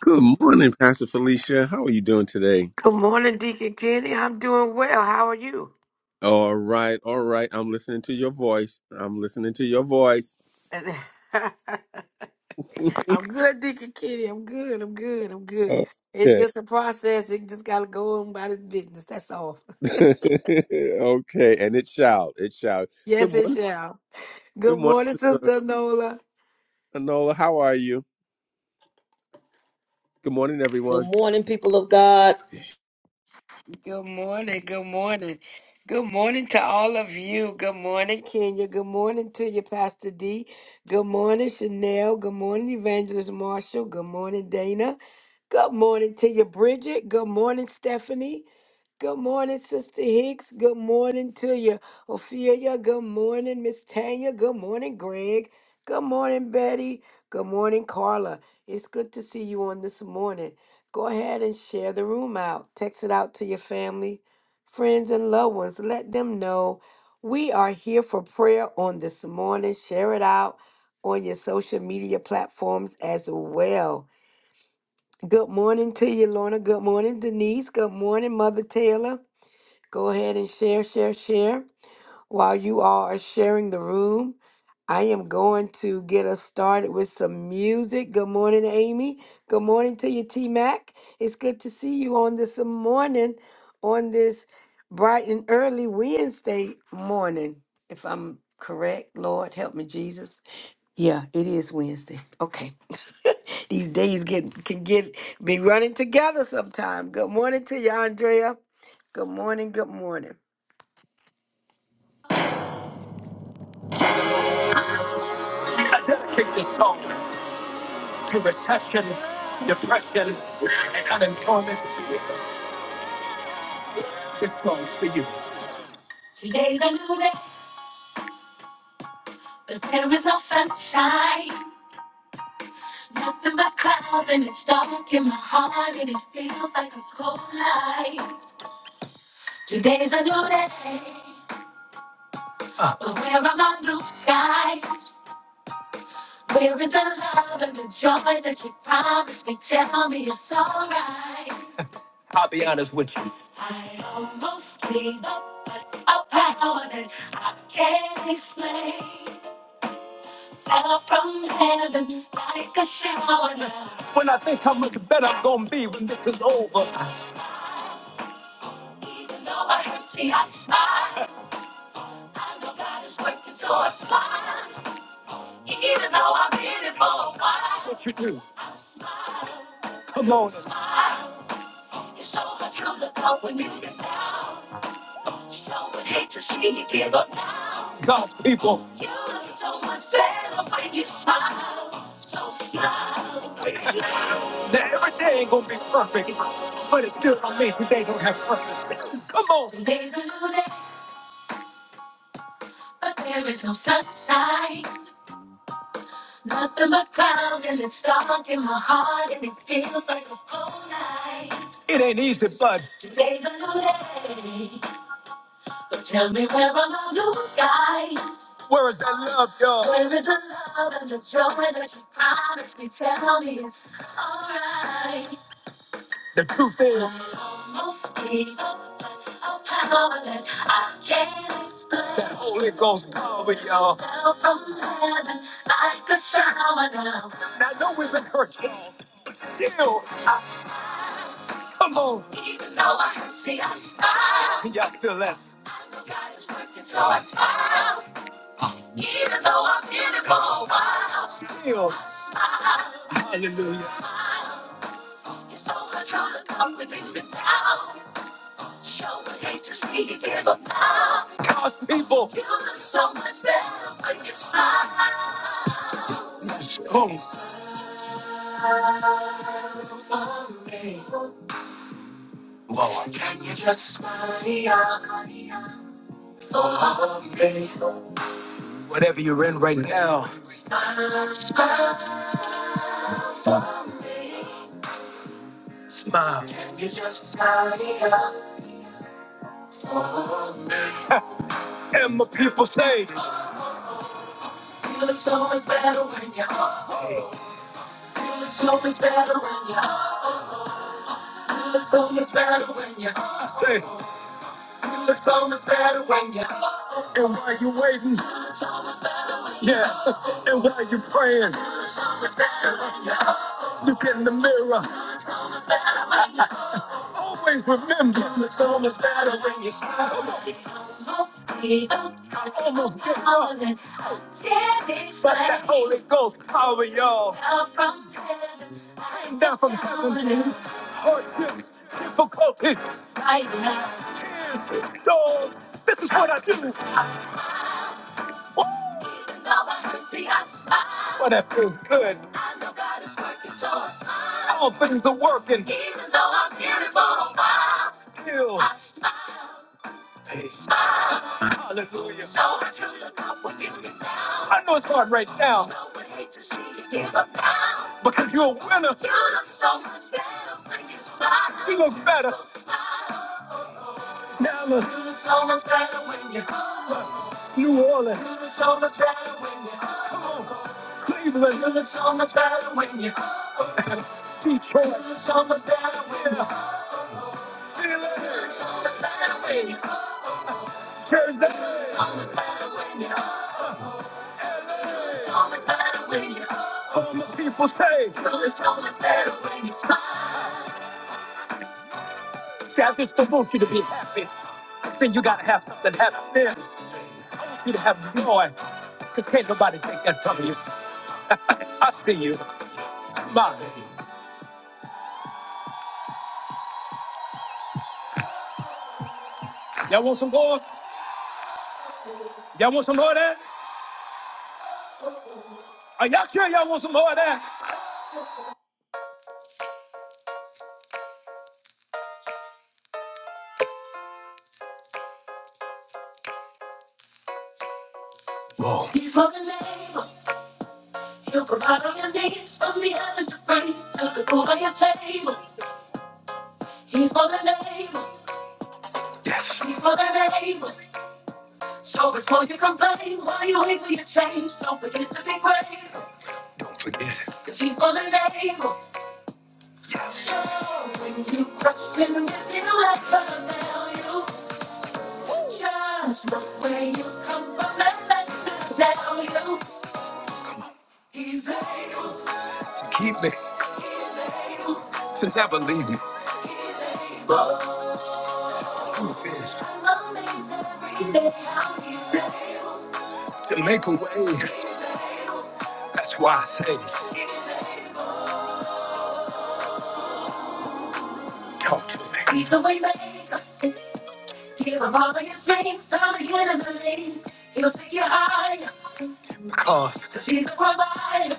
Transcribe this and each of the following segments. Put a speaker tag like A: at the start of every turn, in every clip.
A: Good morning, Pastor Felicia. How are you doing today?
B: Good morning, Deacon Kenny. I'm doing well. How are you?
A: All right, all right. I'm listening to your voice. I'm listening to your voice.
B: I'm good, Deacon Kenny. I'm good. I'm good. I'm good. It's
A: Okay.
B: just a process. It just got to go on about its business. That's all.
A: okay, and it shall. It shall. Good
B: Yes, it
A: morning.
B: shall.
A: Good
B: Good
A: morning,
B: morning,
A: Sister
B: Sister Nola.
A: Anola. How are you? Good morning,
C: Good
A: everyone.
C: morning, people of God.
B: Good morning. Good morning. Good morning to all of you. Good morning, Kenya. Good morning to you, Pastor D. Good morning, Chanel. Good morning, Evangelist Marshall. Good morning, Dana. Good morning to you, Bridget. Good morning, Stephanie. Good morning, Sister Hicks. Good morning to you, Ophelia. Good morning, Miss Tanya. Good morning, Greg. Good morning, Betty. Good morning, Carla. It's good to see you on this morning. Go ahead and share the room out. Text it out to your family, friends, and loved ones. Let them know we are here for prayer on this morning. Share it out on your social media platforms as well. Good morning to you, Lorna. Good morning, Denise. Good morning, Mother Taylor. Go ahead and share, share, share. While you all are sharing the room, I am going to get us started with some music. Good morning, Amy. Good morning to you, T Mac. It's good to see you on this morning, on this bright and early Wednesday morning. If I'm correct, Lord, help me, Jesus. Yeah, it is Wednesday. Okay. These days get can get be running together sometime. Good morning to you, Andrea. Good morning, good morning. Dedicate this song. to recession, depression, and unemployment. This song's for you. Today's a new day, but there is no sunshine. Nothing but clouds, and it's dark in my heart, and it feels like a cold night. Today's a new day, Uh. but where are my blue skies? Where is the love and the joy that you promised me? Tell me it's alright. I'll be honest with you. I almost gave up, but a power that I can't explain fell from heaven like a shower. now. When I think how much better I'm gonna be when this is over, I smile. even though I hurt, see, I smile. I know God is working, so I smile. Even though I've been it for a while, what you do? I smile. Come on, I smile. It's so hard to look up when you've been down. God's people. You look so much better when you smile. So smile. Now every day ain't gonna be perfect, but it still don't mean today don't have purpose. Come on. Today's a new day, but there is no sunshine. Nothing but clouds, and it's dark in my heart, and it feels like a whole night. It ain't easy, bud. Today's a new day. But Tell me where are my blue skies? Where is that love, y'all? Where is the love and the joy that you promised me? Tell me it's alright. The truth is, I almost gave up, but a power that I can't explain. That Holy Ghost power, y'all. Fell from heaven, like a shower down. Now, I know we've been hurt, y'all, but still, I smile. come on. Even though I I hurt, see, I smile. y'all feel that? I I I'm know God is working, so I smile. Even though I've been it for a while, Still, I smile. hallelujah. It's so much on the company now. Show the hate to give them now. God's people. You look so much better when you smile. Let's go. Smile for me. Lord. Can you just smile for me? Whatever you're in right now. Smile for me. Smile. Can you just smile? and my people say. Feel it's so much better when you Feel it's so much better when you Feel it's so much better when you Hey, Feel it's so much better when you And while you waiting, yeah, and while you praying, look in the mirror. Always remember. It's almost better when you almost gave up. I almost gave up. But that Holy Ghost power, y'all. Down from heaven. I'm Down from heaven. Hardships, difficulties. Right now. Tears, storms. This is what I do. But that feels good. I know God is working so All things are working. Even though I'm beautiful, I still. I smile. I smile. Hallelujah. So I drew the cup will give down. I know it's hard right now. So would hate to see you give up now. Because you're a winner. You look so much better when you smile. You look better. So smile. Dallas. It's almost better when you come on. New Orleans. It's almost better when you come on. Cleveland. It's on you. Detroit. It's almost better when you Philly. It's almost better when you Jersey. It's almost better when you LA. It's almost better when you all my people say. It's almost better when you smile. See, I just don't want you to be happy. Then you gotta have something happen there. you to have joy because can't nobody take that from you. I see you. My. Y'all want some more? Y'all want some more of that? Are y'all sure y'all want some more of that? He's for the name. He'll provide all your needs from the heavens to bring to the food on your table. He's for the name. He's for the name. So before you complain, while you wait for your change, don't forget to be grateful. Cause he's for the name. So when you question, it's in a life of value. Just look where you come from and let me tell you, he's able. Keep me, never leave me. Proof is, I'm amazed every day how he- To make a way, that's why I say, talk to me. He's the way maker. Give up all of your dreams, all of your belief. He'll take you higher. Because he's a provider.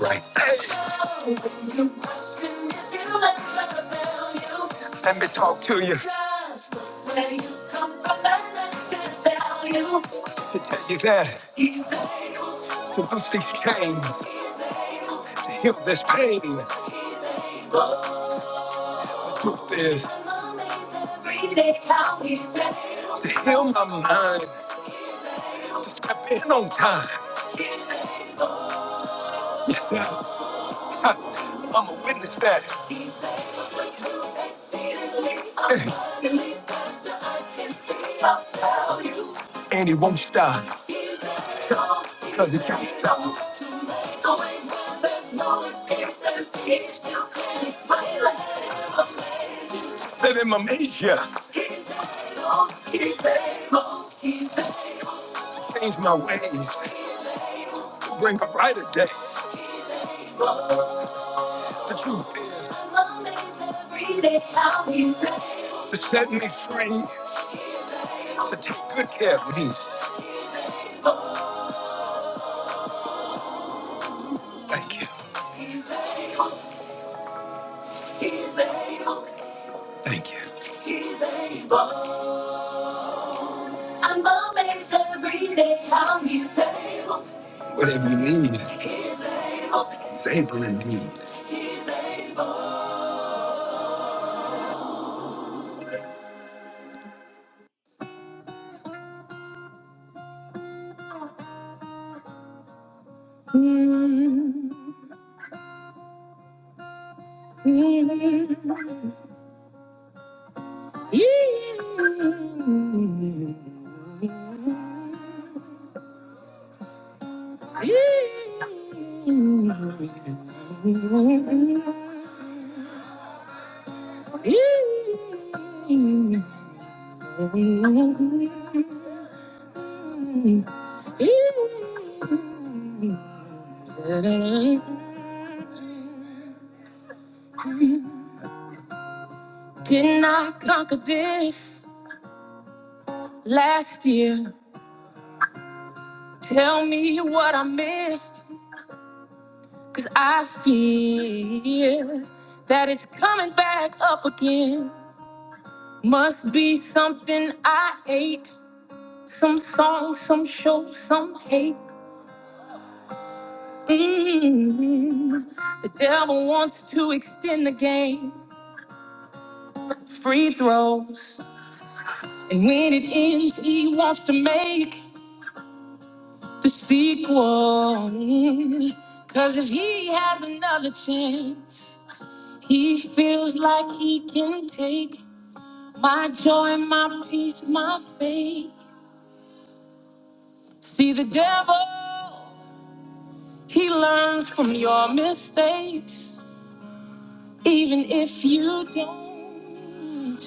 B: Right. Hey. You question if you ever fail you. Let me talk to you. Just where you come from, that's not gonna tell you. To tell you that. He's able To loose these chains, to heal this pain. Truth is, every day how he's able. to heal my mind. Step in on time. Yeah. I'm a witness that. And he won't stop. Because he can't stop. Let him amaze you. Change my ways. Bring a brighter day. The truth is, every day I'll be ready to set me free, to take good care of me. Thank you. He's able. He's able. Thank you. He's able. And makes every day how he's able. Whatever you need, he's able. He's able indeed. He's able. Did not conquer this last year. Tell me what I missed, cause I feel that it's coming back up again. Must be something I ate, some song, some show, some hate. Mm. The devil wants to extend the game, free throws, and when it ends, he wants to make. the sequel. Cause if he has another chance, he feels like he can take my joy, my peace, my faith. See, the devil, he learns from your mistakes, even if you don't.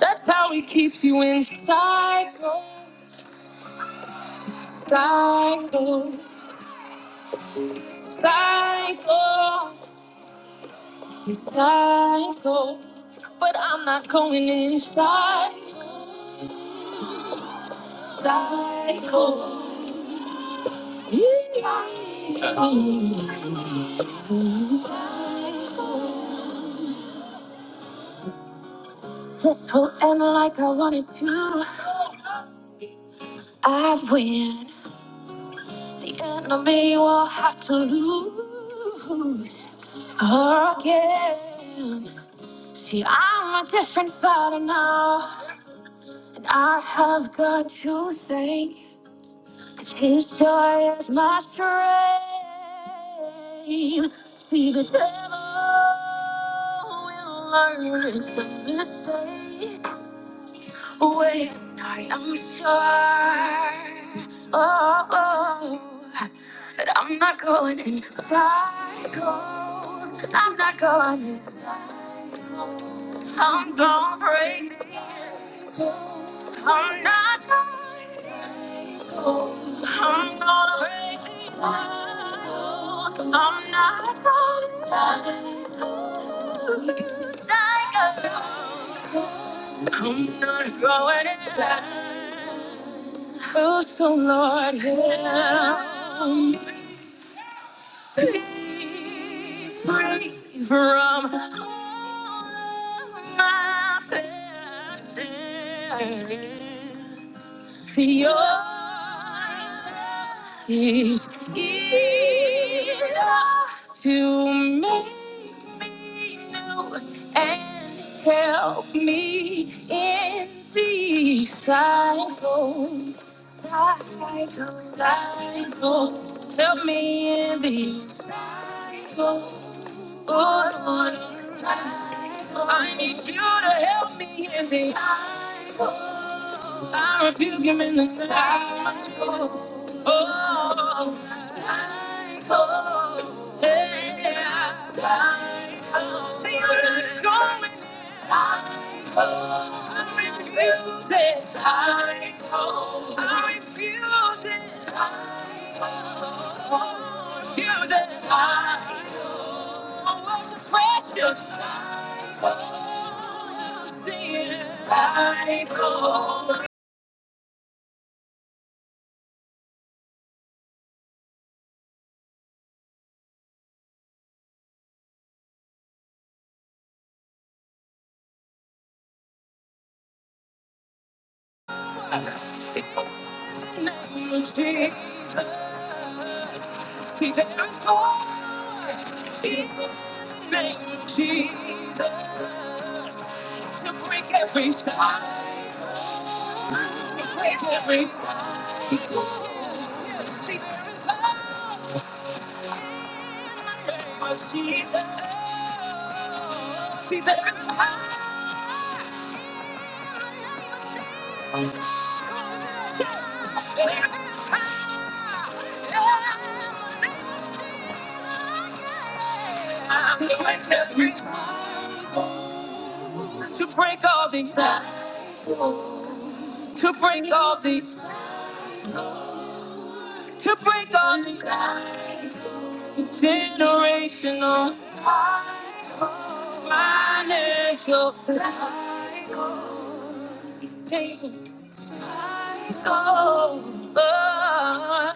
B: That's how he keeps you in cycle, cycle, cycle. You psycho, but I'm not going inside. Psycho, you psycho. psycho. This whole end like I wanted to. I win. The enemy will have to lose again. See, I'm a different fighter now, and I have got to thank His joy is my strength. See the devil will learn it's a mistake when I am sure. Oh, oh, that I'm not going in cycles. I'm not going. in- I'm gonna break. I'm not going. I'm gonna praise you. I'm not going to I'm not going to Oh, so Lord, help me free from all my passion. Your love is enough to make me new and help me in the cycle, cycle, cycle. Help me in the cycle. I need you to help me in the cycle. I rebuke him in the cycle. Oh, I go I refuse it. I go. I refuse it. I go. Refuse it. I go. the precious. I go. I go. name of Jesus. See, there's power in the name of Jesus to break every tie, to break every cycle. See, there's name of Jesus. See, there's power there is power to break every cycle, to break all these cycles, to break all these, to break all these. cycles. generational, financial, painful, gold, oh,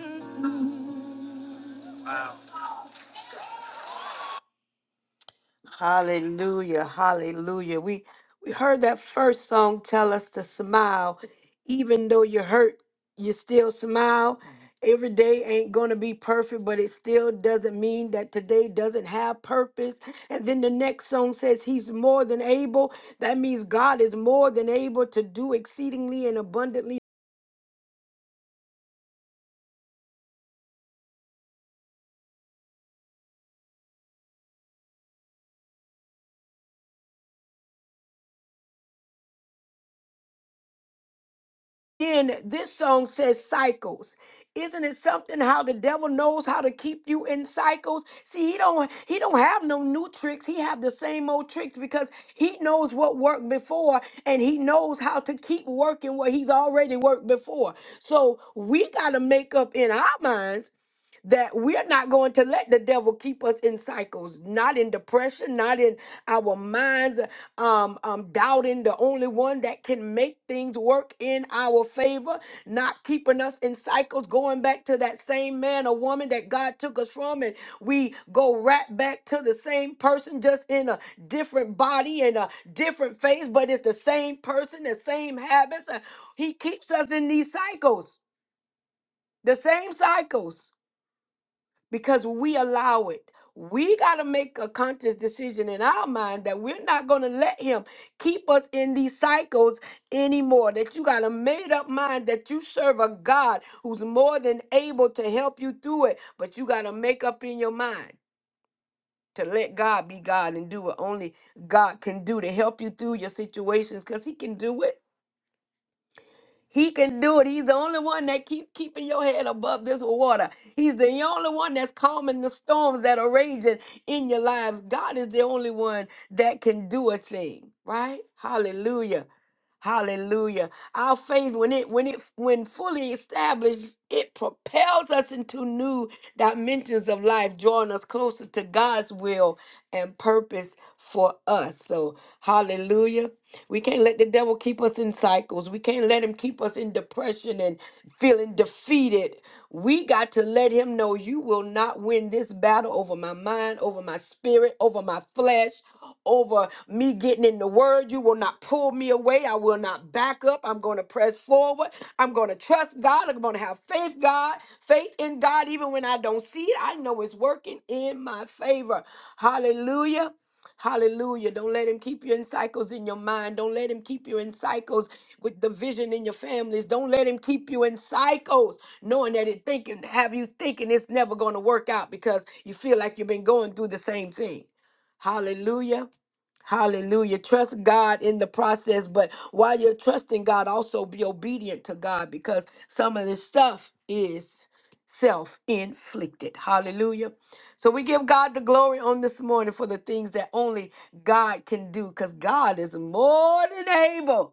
B: gold. Hallelujah, hallelujah. We we heard that first song tell us to smile. Even though you're hurt, you still smile. Every day ain't going to be perfect, but it still doesn't mean that today doesn't have purpose. And then the next song says, He's more than able. That means God is more than able to do exceedingly and abundantly Then this song says cycles. Isn't it something how the devil knows how to keep you in cycles? See, he don't he don't have no new tricks. He have the same old tricks because he knows what worked before and he knows how to keep working what he's already worked before. So we gotta make up in our minds that we're not going to let the devil keep us in cycles, not in depression, not in our minds, um, um, doubting the only one that can make things work in our favor, not keeping us in cycles, going back to that same man or woman that God took us from, and we go right back to the same person, just in a different body and a different face, but it's the same person, the same habits. Uh, He keeps us in these cycles, the same cycles because we allow it. We got to make a conscious decision in our mind that we're not going to let him keep us in these cycles anymore. That you got a made up mind that you serve a God who's more than able to help you through it, but you got to make up in your mind to let God be God and do what only God can do to help you through your situations because he can do it he can do it. He's the only one that keep keeping your head above this water. He's the only one that's calming the storms that are raging in your lives. God is the only one that can do a thing, right? Hallelujah. Hallelujah. Our faith, when it when it when fully established, it propels us into new dimensions of life, drawing us closer to God's will and purpose for us. So hallelujah. We can't let the devil keep us in cycles. We can't let him keep us in depression and feeling defeated. We got to let him know you will not win this battle over my mind, over my spirit, over my flesh, over me getting in the word. You will not pull me away. I will not back up. I'm going to press forward. I'm going to trust God. I'm going to have faith, God, faith in God, even when I don't see it. I know it's working in my favor. Hallelujah. Hallelujah. Don't let him keep you in cycles in your mind. Don't let him keep you in cycles with division in your families. Don't let him keep you in cycles, knowing that it thinking, have you thinking it's never going to work out because you feel like you've been going through the same thing. Hallelujah. Hallelujah. Trust God in the process, but while you're trusting God, also be obedient to God because some of this stuff is self inflicted. Hallelujah. So we give God the glory on this morning for the things that only God can do because God is more than able.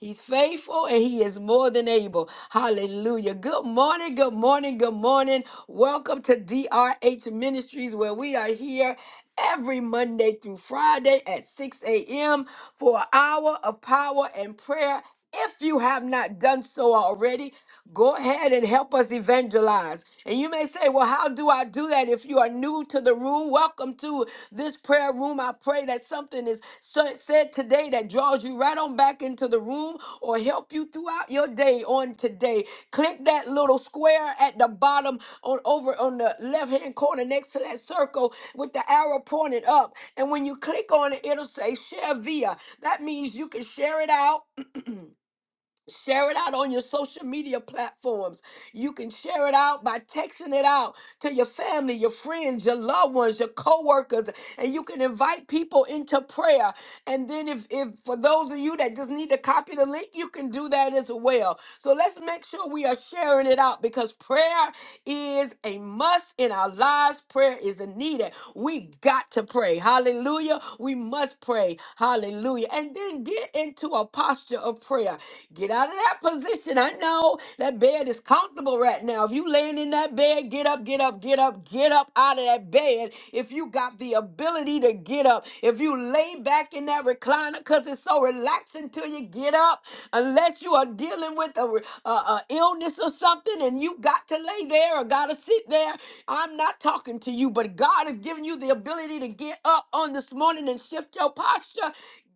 B: He's faithful and he is more than able. Hallelujah. Good morning, good morning, good morning. Welcome to DRH Ministries, where we are here every Monday through Friday at 6 a.m. for an hour of power and prayer if you have not done so already, go ahead and help us evangelize. And you may say, Well, how do I do that? If you are new to the room, welcome to this prayer room. I pray that something is sa- said today that draws you right on back into the room or help you throughout your day on today. Click that little square at the bottom on over on the left hand corner next to that circle with the arrow pointed up. And when you click on it, it'll say share via. That means you can share it out Share it out on your social media platforms. You can share it out by texting it out to your family, your friends, your loved ones, your coworkers, and you can invite people into prayer. And then if if for those of you that just need to copy the link, you can do that as well. So let's make sure we are sharing it out because prayer is a must in our lives. Prayer is a needed. We got to pray. Hallelujah. Hallelujah. We must pray. Hallelujah. And then get into a posture of prayer. Get out of that position. I know that bed is comfortable right now. If you laying in that bed, get up, get up, get up, get up out of that bed. If you got the ability to get up, if you lay back in that recliner, because it's so relaxing till you get up, unless you are dealing with a, re- a, a illness or something and you got to to lay there or got to sit there. I'm not talking to you, but God has given you the ability to get up on this morning and shift your posture.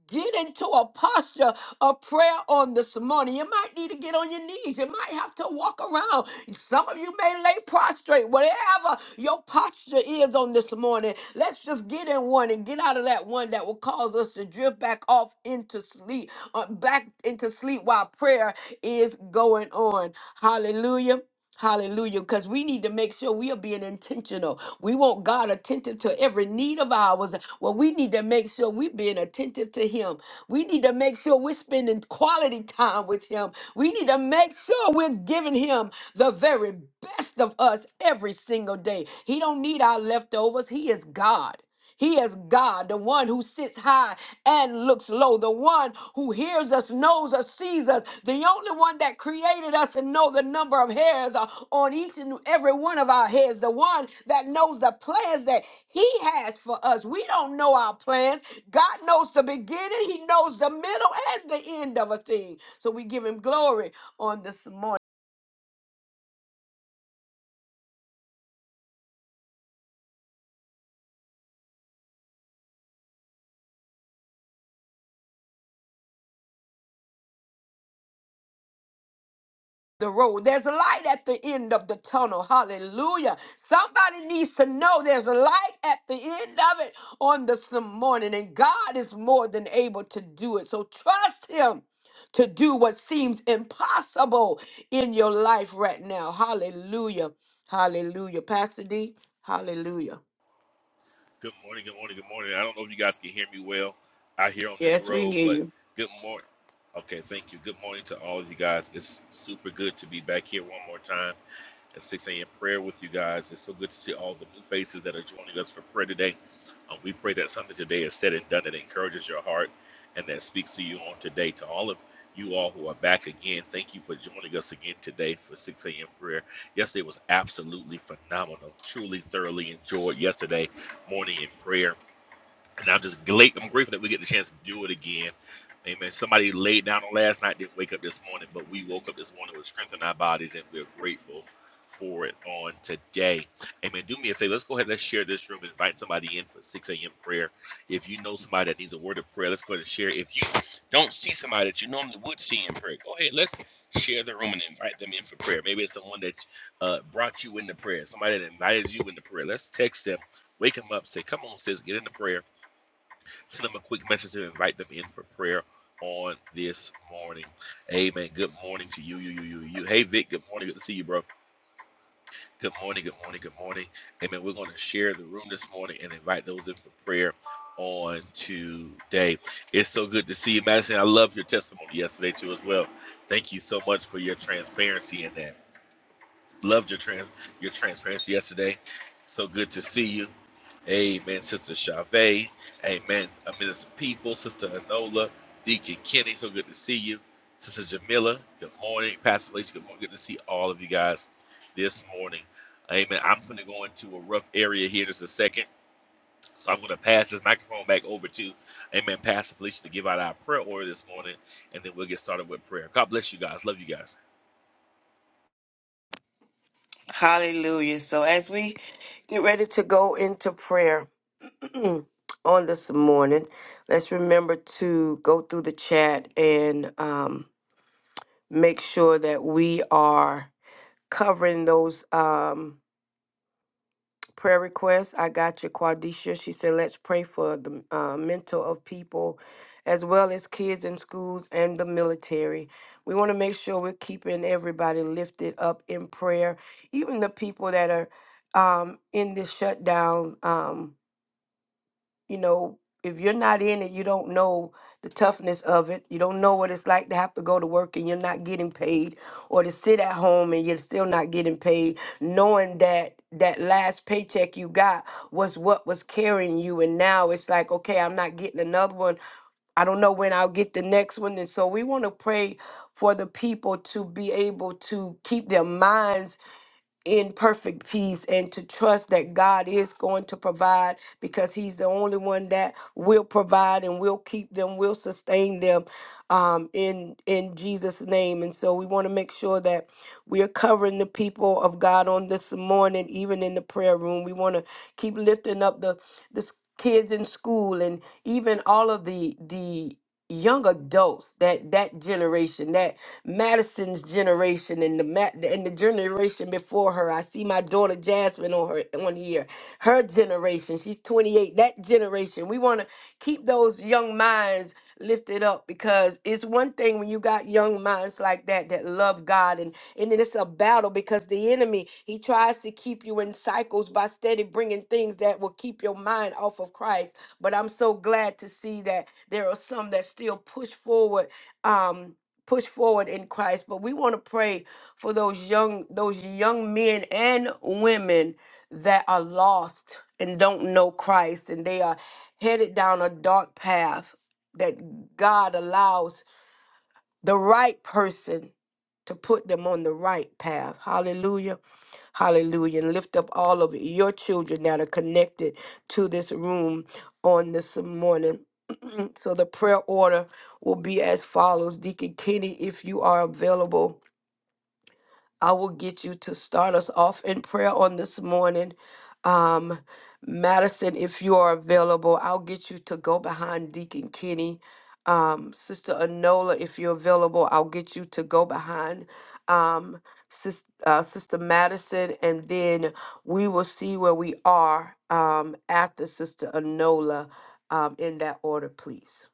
B: Get into a posture of prayer on this morning. You might need to get on your knees. You might have to walk around. Some of you may lay prostrate, whatever your posture is on this morning. Let's just get in one and get out of that one that will cause us to drift back off into sleep, uh, back into sleep while prayer is going on. Hallelujah. Hallelujah. Because we need to make sure we are being intentional. We want God attentive to every need of ours. Well, we need to make sure we're being attentive to Him. We need to make sure we're spending quality time with Him. We need to make sure we're giving Him the very best of us every single day. He don't need our leftovers. He is God. He is God, the one who sits high and looks low, the one who hears us, knows us, sees us, the only one that created us and know the number of hairs uh, on each and every one of our heads, the one that knows the plans that he has for us. We don't know our plans. God knows the beginning, he knows the middle and the end of a thing. So we give him glory on this morning. the road. There's a light at the end of the tunnel. Hallelujah. Somebody needs to know there's a light at the end of it on this morning, and God is more than able to do it. So trust Him to do what seems impossible in your life right now. Hallelujah. Hallelujah. Pastor D, hallelujah.
D: Good morning, good morning, good morning. I don't know if you guys can hear me well out here on this
B: Yes, we
D: road,
B: hear
D: but
B: you.
D: good morning. Okay, thank you. Good morning to all of you guys. It's super good to be back here one more time at 6 a.m. prayer with you guys. It's so good to see all the new faces that are joining us for prayer today. Um, we pray that something today is said and done that encourages your heart and that speaks to you on today. To all of you all who are back again, thank you for joining us again today for 6 a.m. prayer. Yesterday was absolutely phenomenal. Truly, thoroughly enjoyed yesterday morning in prayer. And I'm just glad, I'm grateful that we get the chance to do it again. Amen. Somebody laid down on last night, didn't wake up this morning, but we woke up this morning with strength in our bodies, and we're grateful for it on today. Amen. Do me a favor. Let's go ahead. Let's share this room. Invite somebody in for 6 a.m. prayer. If you know somebody that needs a word of prayer, let's go ahead and share. If you don't see somebody that you normally would see in prayer, go ahead. Let's share the room and invite them in for prayer. Maybe it's someone that uh, brought you into prayer, somebody that invited you into prayer. Let's text them, wake them up, say, Come on, sis, get into prayer send them a quick message to invite them in for prayer on this morning. Amen. Good morning to you, you, you, you, you. Hey, Vic. Good morning. Good to see you, bro. Good morning. Good morning. Good morning. Amen. We're going to share the room this morning and invite those in for prayer on today. It's so good to see you, Madison. I love your testimony yesterday too, as well. Thank you so much for your transparency in that. Loved your trans your transparency yesterday. So good to see you. Amen, Sister Chavez. Amen, uh, Minister People, Sister Anola, Deacon Kenny. So good to see you, Sister Jamila. Good morning, Pastor Felicia. Good morning. Good to see all of you guys this morning. Amen. I'm going to go into a rough area here just a second, so I'm going to pass this microphone back over to Amen, Pastor Felicia, to give out our prayer order this morning, and then we'll get started with prayer. God bless you guys. Love you guys.
B: Hallelujah. So as we get ready to go into prayer, on this morning, let's remember to go through the chat and um, make sure that we are covering those um, prayer requests. I got your Quadisha. She said, let's pray for the uh, mental of people as well as kids in schools and the military. We want to make sure we're keeping everybody lifted up in prayer, even the people that are um, in this shutdown. Um, you know, if you're not in it, you don't know the toughness of it. You don't know what it's like to have to go to work and you're not getting paid, or to sit at home and you're still not getting paid, knowing that that last paycheck you got was what was carrying you. And now it's like, okay, I'm not getting another one. I don't know when I'll get the next one. And so we want to pray for the people to be able to keep their minds in perfect peace and to trust that God is going to provide because He's the only one that will provide and will keep them, will sustain them um, in in Jesus' name. And so we want to make sure that we are covering the people of God on this morning, even in the prayer room. We want to keep lifting up the the s- kids in school and even all of the the young adults that that generation that Madison's generation and the Ma- and the generation generation before her. I see my daughter Jasmine on her on here. Her generation, she's 28. That generation, we want to keep those young minds lifted up because it's one thing when you got young minds like that that love God and and then it's a battle because the enemy he tries to keep you in cycles by steady bringing things that will keep your mind off of Christ. But I'm so glad to see that there are some that still push forward um push forward in Christ. But we want to pray for those young those young men and women that are lost and don't know Christ and they are headed down a dark path that God allows the right person to put them on the right path. Hallelujah. Hallelujah. And lift up all of your children that are connected to this room on this morning. So the prayer order will be as follows. Deacon Kenny, if you are available I will get you to start us off in prayer on this morning. Um, Madison, if you are available, I'll get you to go behind Deacon Kenny. Um, Sister Anola, if you're available, I'll get you to go behind um, Sis, uh, Sister Madison, and then we will see where we are um, after Sister Anola um, in that order, please.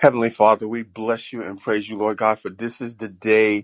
A: Heavenly Father, we bless you and praise you, Lord God, for this is the day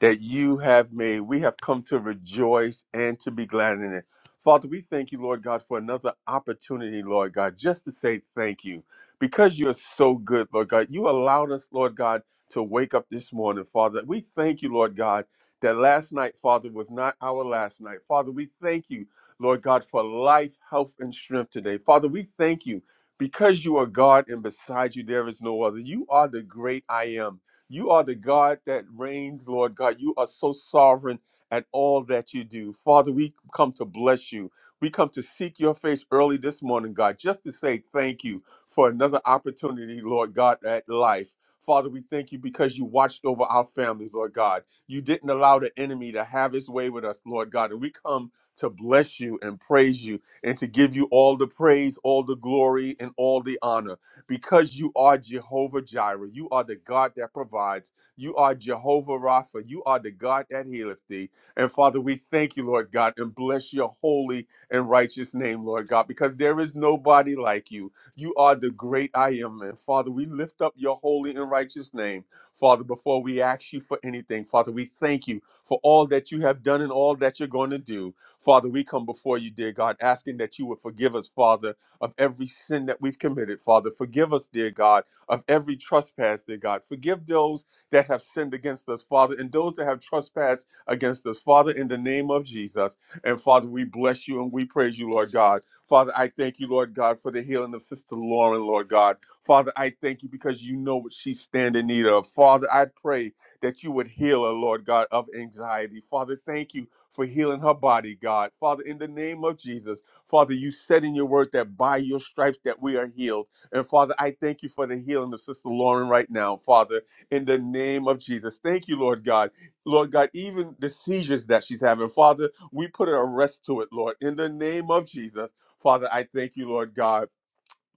A: that you have made. We have come to rejoice and to be glad in it. Father, we thank you, Lord God, for another opportunity, Lord God, just to say thank you because you're so good, Lord God. You allowed us, Lord God, to wake up this morning, Father. We thank you, Lord God, that last night, Father, was not our last night. Father, we thank you, Lord God, for life, health, and strength today. Father, we thank you because you are God and beside you there is no other. You are the great I am. You are the God that reigns, Lord God. You are so sovereign at all that you do. Father, we come to bless you. We come to seek your face early this morning, God, just to say thank you for another opportunity, Lord God, at life. Father, we thank you because you watched over our families, Lord God. You didn't allow the enemy to have his way with us, Lord God. And we come to bless you and praise you and to give you all the praise, all the glory, and all the honor because you are Jehovah Jireh. You are the God that provides. You are Jehovah Rapha. You are the God that healeth thee. And Father, we thank you, Lord God, and bless your holy and righteous name, Lord God, because there is nobody like you. You are the great I am. And Father, we lift up your holy and righteous name, Father, before we ask you for anything. Father, we thank you for all that you have done and all that you're going to do. Father, we come before you, dear God, asking that you would forgive us, Father of every sin that we've committed, Father. Forgive us, dear God, of every trespass, dear God. Forgive those that have sinned against us, Father, and those that have trespassed against us, Father, in the name of Jesus. And Father, we bless you and we praise you, Lord God. Father, I thank you, Lord God, for the healing of Sister Lauren, Lord God. Father, I thank you because you know what she stand in need of. Father, I pray that you would heal her, Lord God, of anxiety. Father, thank you for healing her body, God. Father, in the name of Jesus. Father, you said in your word that by your stripes that we are healed. And Father, I thank you for the healing of Sister Lauren right now, Father, in the name of Jesus. Thank you, Lord God. Lord God, even the seizures that she's having, Father, we put an arrest to it, Lord, in the name of Jesus. Father, I thank you, Lord God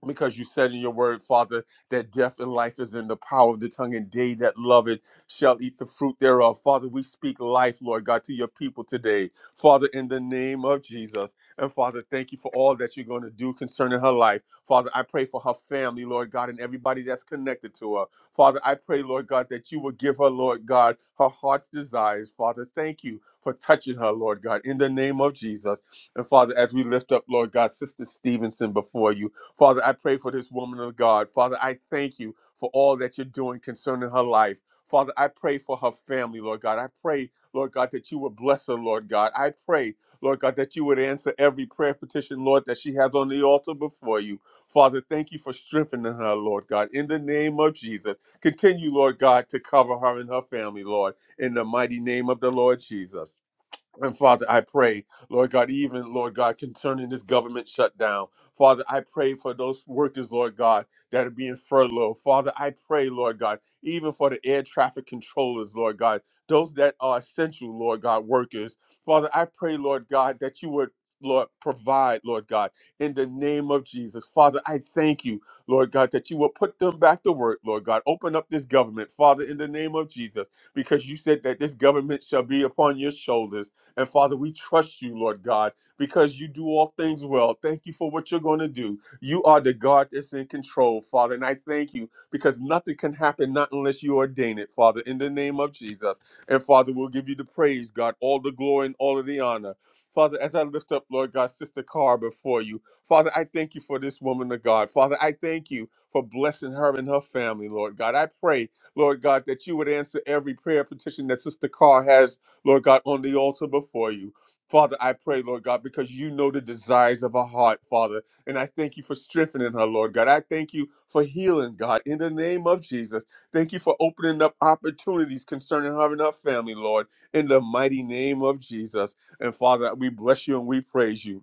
A: because you said in your word, Father, that death and life is in the power of the tongue, and they that love it shall eat the fruit thereof. Father, we speak life, Lord God, to your people today. Father, in the name of Jesus. And Father, thank you for all that you're going to do concerning her life. Father, I pray for her family, Lord God, and everybody that's connected to her. Father, I pray, Lord God, that you will give her, Lord God, her heart's desires. Father, thank you for touching her, Lord God, in the name of Jesus. And Father, as we lift up, Lord God, Sister Stevenson before you, Father, I pray for this woman of God. Father, I thank you for all that you're doing concerning her life. Father, I pray for her family, Lord God. I pray, Lord God, that you would bless her, Lord God. I pray, Lord God, that you would answer every prayer petition, Lord, that she has on the altar before you. Father, thank you for strengthening her, Lord God. In the name of Jesus, continue, Lord God, to cover her and her family, Lord, in the mighty name of the Lord Jesus. And Father, I pray, Lord God, even Lord God, concerning this government shutdown. Father, I pray for those workers, Lord God, that are being furloughed. Father, I pray, Lord God, even for the air traffic controllers, Lord God, those that are essential, Lord God, workers. Father, I pray, Lord God, that you would. Lord, provide, Lord God, in the name of Jesus. Father, I thank you, Lord God, that you will put them back to work, Lord God. Open up this government, Father, in the name of Jesus, because you said that this government shall be upon your shoulders. And Father, we trust you, Lord God, because you do all things well. Thank you for what you're going to do. You are the God that's in control, Father. And I thank you because nothing can happen not unless you ordain it, Father, in the name of Jesus. And Father, we'll give you the praise, God, all the glory and all of the honor. Father, as I lift up, Lord God, Sister Carr before you, Father, I thank you for this woman of God. Father, I thank you for blessing her and her family, Lord God. I pray, Lord God, that you would answer every prayer petition that Sister Carr has Lord God, on the altar before you. Father, I pray, Lord God, because you know the desires of her heart, Father. And I thank you for strengthening her, Lord God. I thank you for healing, God, in the name of Jesus. Thank you for opening up opportunities concerning her and her family, Lord, in the mighty name of Jesus. And Father, we bless you and we praise you.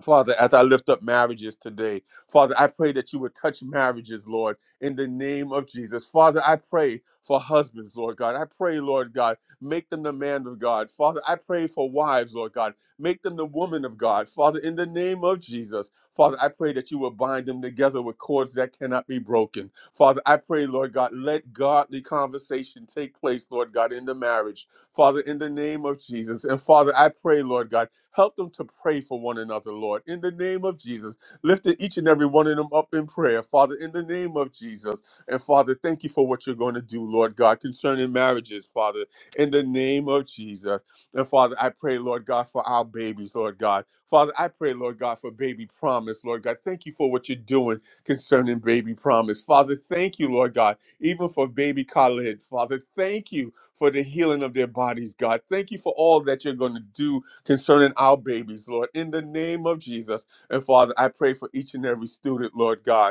A: Father, as I lift up marriages today, Father, I pray that you would touch marriages, Lord, in the name of Jesus. Father, I pray for husbands, Lord God. I pray, Lord God, make them the man of God. Father, I pray for wives, Lord God. Make them the woman of God. Father, in the name of Jesus, Father, I pray that you will bind them together with cords that cannot be broken. Father, I pray, Lord God, let godly conversation take place, Lord God, in the marriage. Father, in the name of Jesus. And Father, I pray, Lord God Help them to pray for one another, Lord, in the name of Jesus. Lifting each and every one of them up in prayer, Father, in the name of Jesus. And Father, thank you for what you're going to do, Lord God, concerning marriages, Father, in the name of Jesus. And Father, I pray, Lord God, for our babies, Lord God. Father, I pray, Lord God, for baby promise, Lord God. Thank you for what you're doing concerning baby promise. Father, thank you, Lord God, even for baby Khalid. Father, thank you for the healing of their bodies, God. Thank you for all that you're going to do concerning our babies, Lord, in the name of Jesus. And Father, I pray for each and every student, Lord God.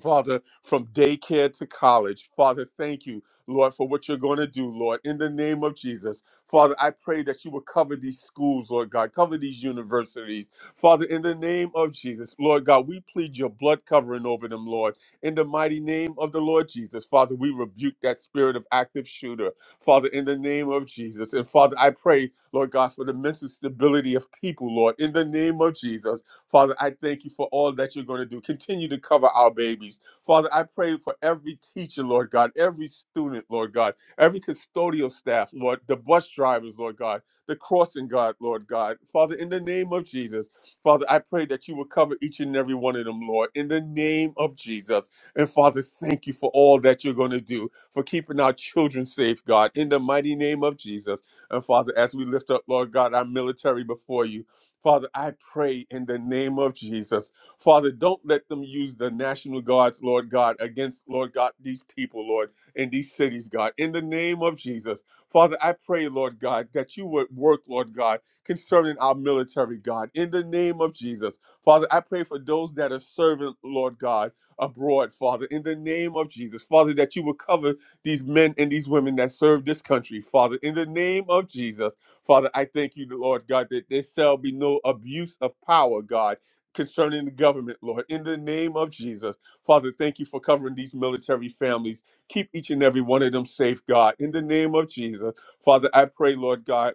A: Father, from daycare to college. Father, thank you, Lord, for what you're going to do, Lord, in the name of Jesus. Father, I pray that you will cover these schools, Lord God, cover these universities. Father, in the name of Jesus, Lord God, we plead your blood covering over them, Lord. In the mighty name of the Lord Jesus, Father, we rebuke that spirit of active shooter, Father, in the name of Jesus. And Father, I pray, Lord God, for the mental stability of people, Lord, in the name of Jesus. Father, I thank you for all that you're going to do. Continue to cover our babies. Father, I pray for every teacher, Lord God, every student, Lord God, every custodial staff, Lord, the bus drivers, Lord God, the crossing guard, Lord God. Father, in the name of Jesus, Father, I pray that you will cover each and every one of them, Lord, in the name of Jesus. And Father, thank you for all that you're going to do for keeping our children safe, God, in the mighty name of Jesus. And Father, as we lift up, Lord God, our military before you, Father, I pray in the name of Jesus. Father, don't let them use the National Guards, Lord God, against, Lord God, these people, Lord, in these cities, God. In the name of Jesus. Father, I pray, Lord God, that you would work, Lord God, concerning our military, God. In the name of Jesus. Father, I pray for those that are serving, Lord God, abroad, Father, in the name of Jesus. Father, that you would cover these men and these women that serve this country, Father, in the name of Jesus. Father, I thank you, Lord God, that there shall be no abuse of power, God. Concerning the government, Lord, in the name of Jesus. Father, thank you for covering these military families. Keep each and every one of them safe, God, in the name of Jesus. Father, I pray, Lord God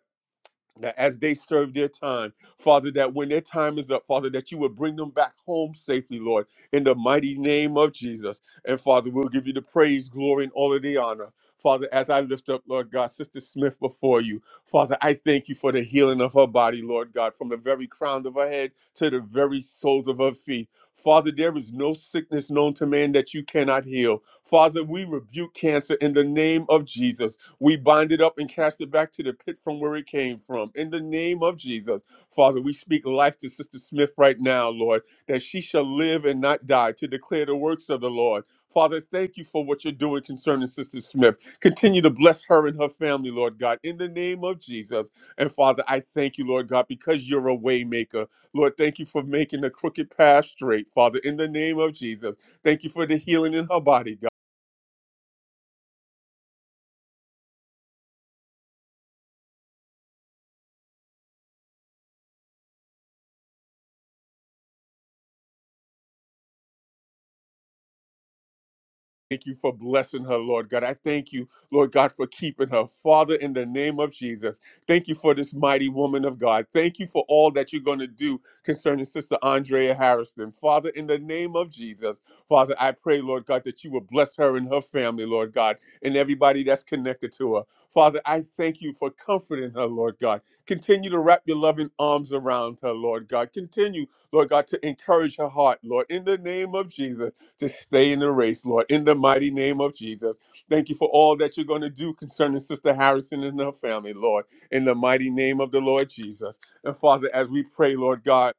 A: that as they serve their time, Father, that when their time is up, Father, that you would bring them back home safely, Lord, in the mighty name of Jesus. And Father, we'll give you the praise, glory, and all of the honor. Father, as I lift up, Lord God, Sister Smith before you, Father, I thank you for the healing of her body, Lord God, from the very crown of her head to the very soles of her feet. Father, there is no sickness known to man that you cannot heal. Father, we rebuke cancer in the name of Jesus. We bind it up and cast it back to the pit from where it came from. In the name of Jesus, Father, we speak life to Sister Smith right now, Lord, that she shall live and not die to declare the works of the Lord. Father, thank you for what you're doing concerning Sister Smith. Continue to bless her and her family, Lord God, in the name of Jesus. And Father, I thank you, Lord God, because you're a waymaker. Lord, thank you for making the crooked path straight, Father, in the name of Jesus. Thank you for the healing in her body, God. thank you for blessing her, Lord God. I thank you, Lord God, for keeping her. Father, in the name of Jesus, thank you for this mighty woman of God. Thank you for all that you're going to do concerning Sister Andrea Harrison. Father, in the name of Jesus, Father, I pray, Lord God, that you will bless her and her family, Lord God, and everybody that's connected to her. Father, I thank you for comforting her, Lord God. Continue to wrap your loving arms around her, Lord God. Continue, Lord God, to encourage her heart, Lord, in the name of Jesus to stay in the race, Lord, in the mighty name of Jesus. Thank you for all that you're going to do concerning Sister Harrison and her family, Lord, in the mighty name of the Lord Jesus. And Father, as we pray, Lord God,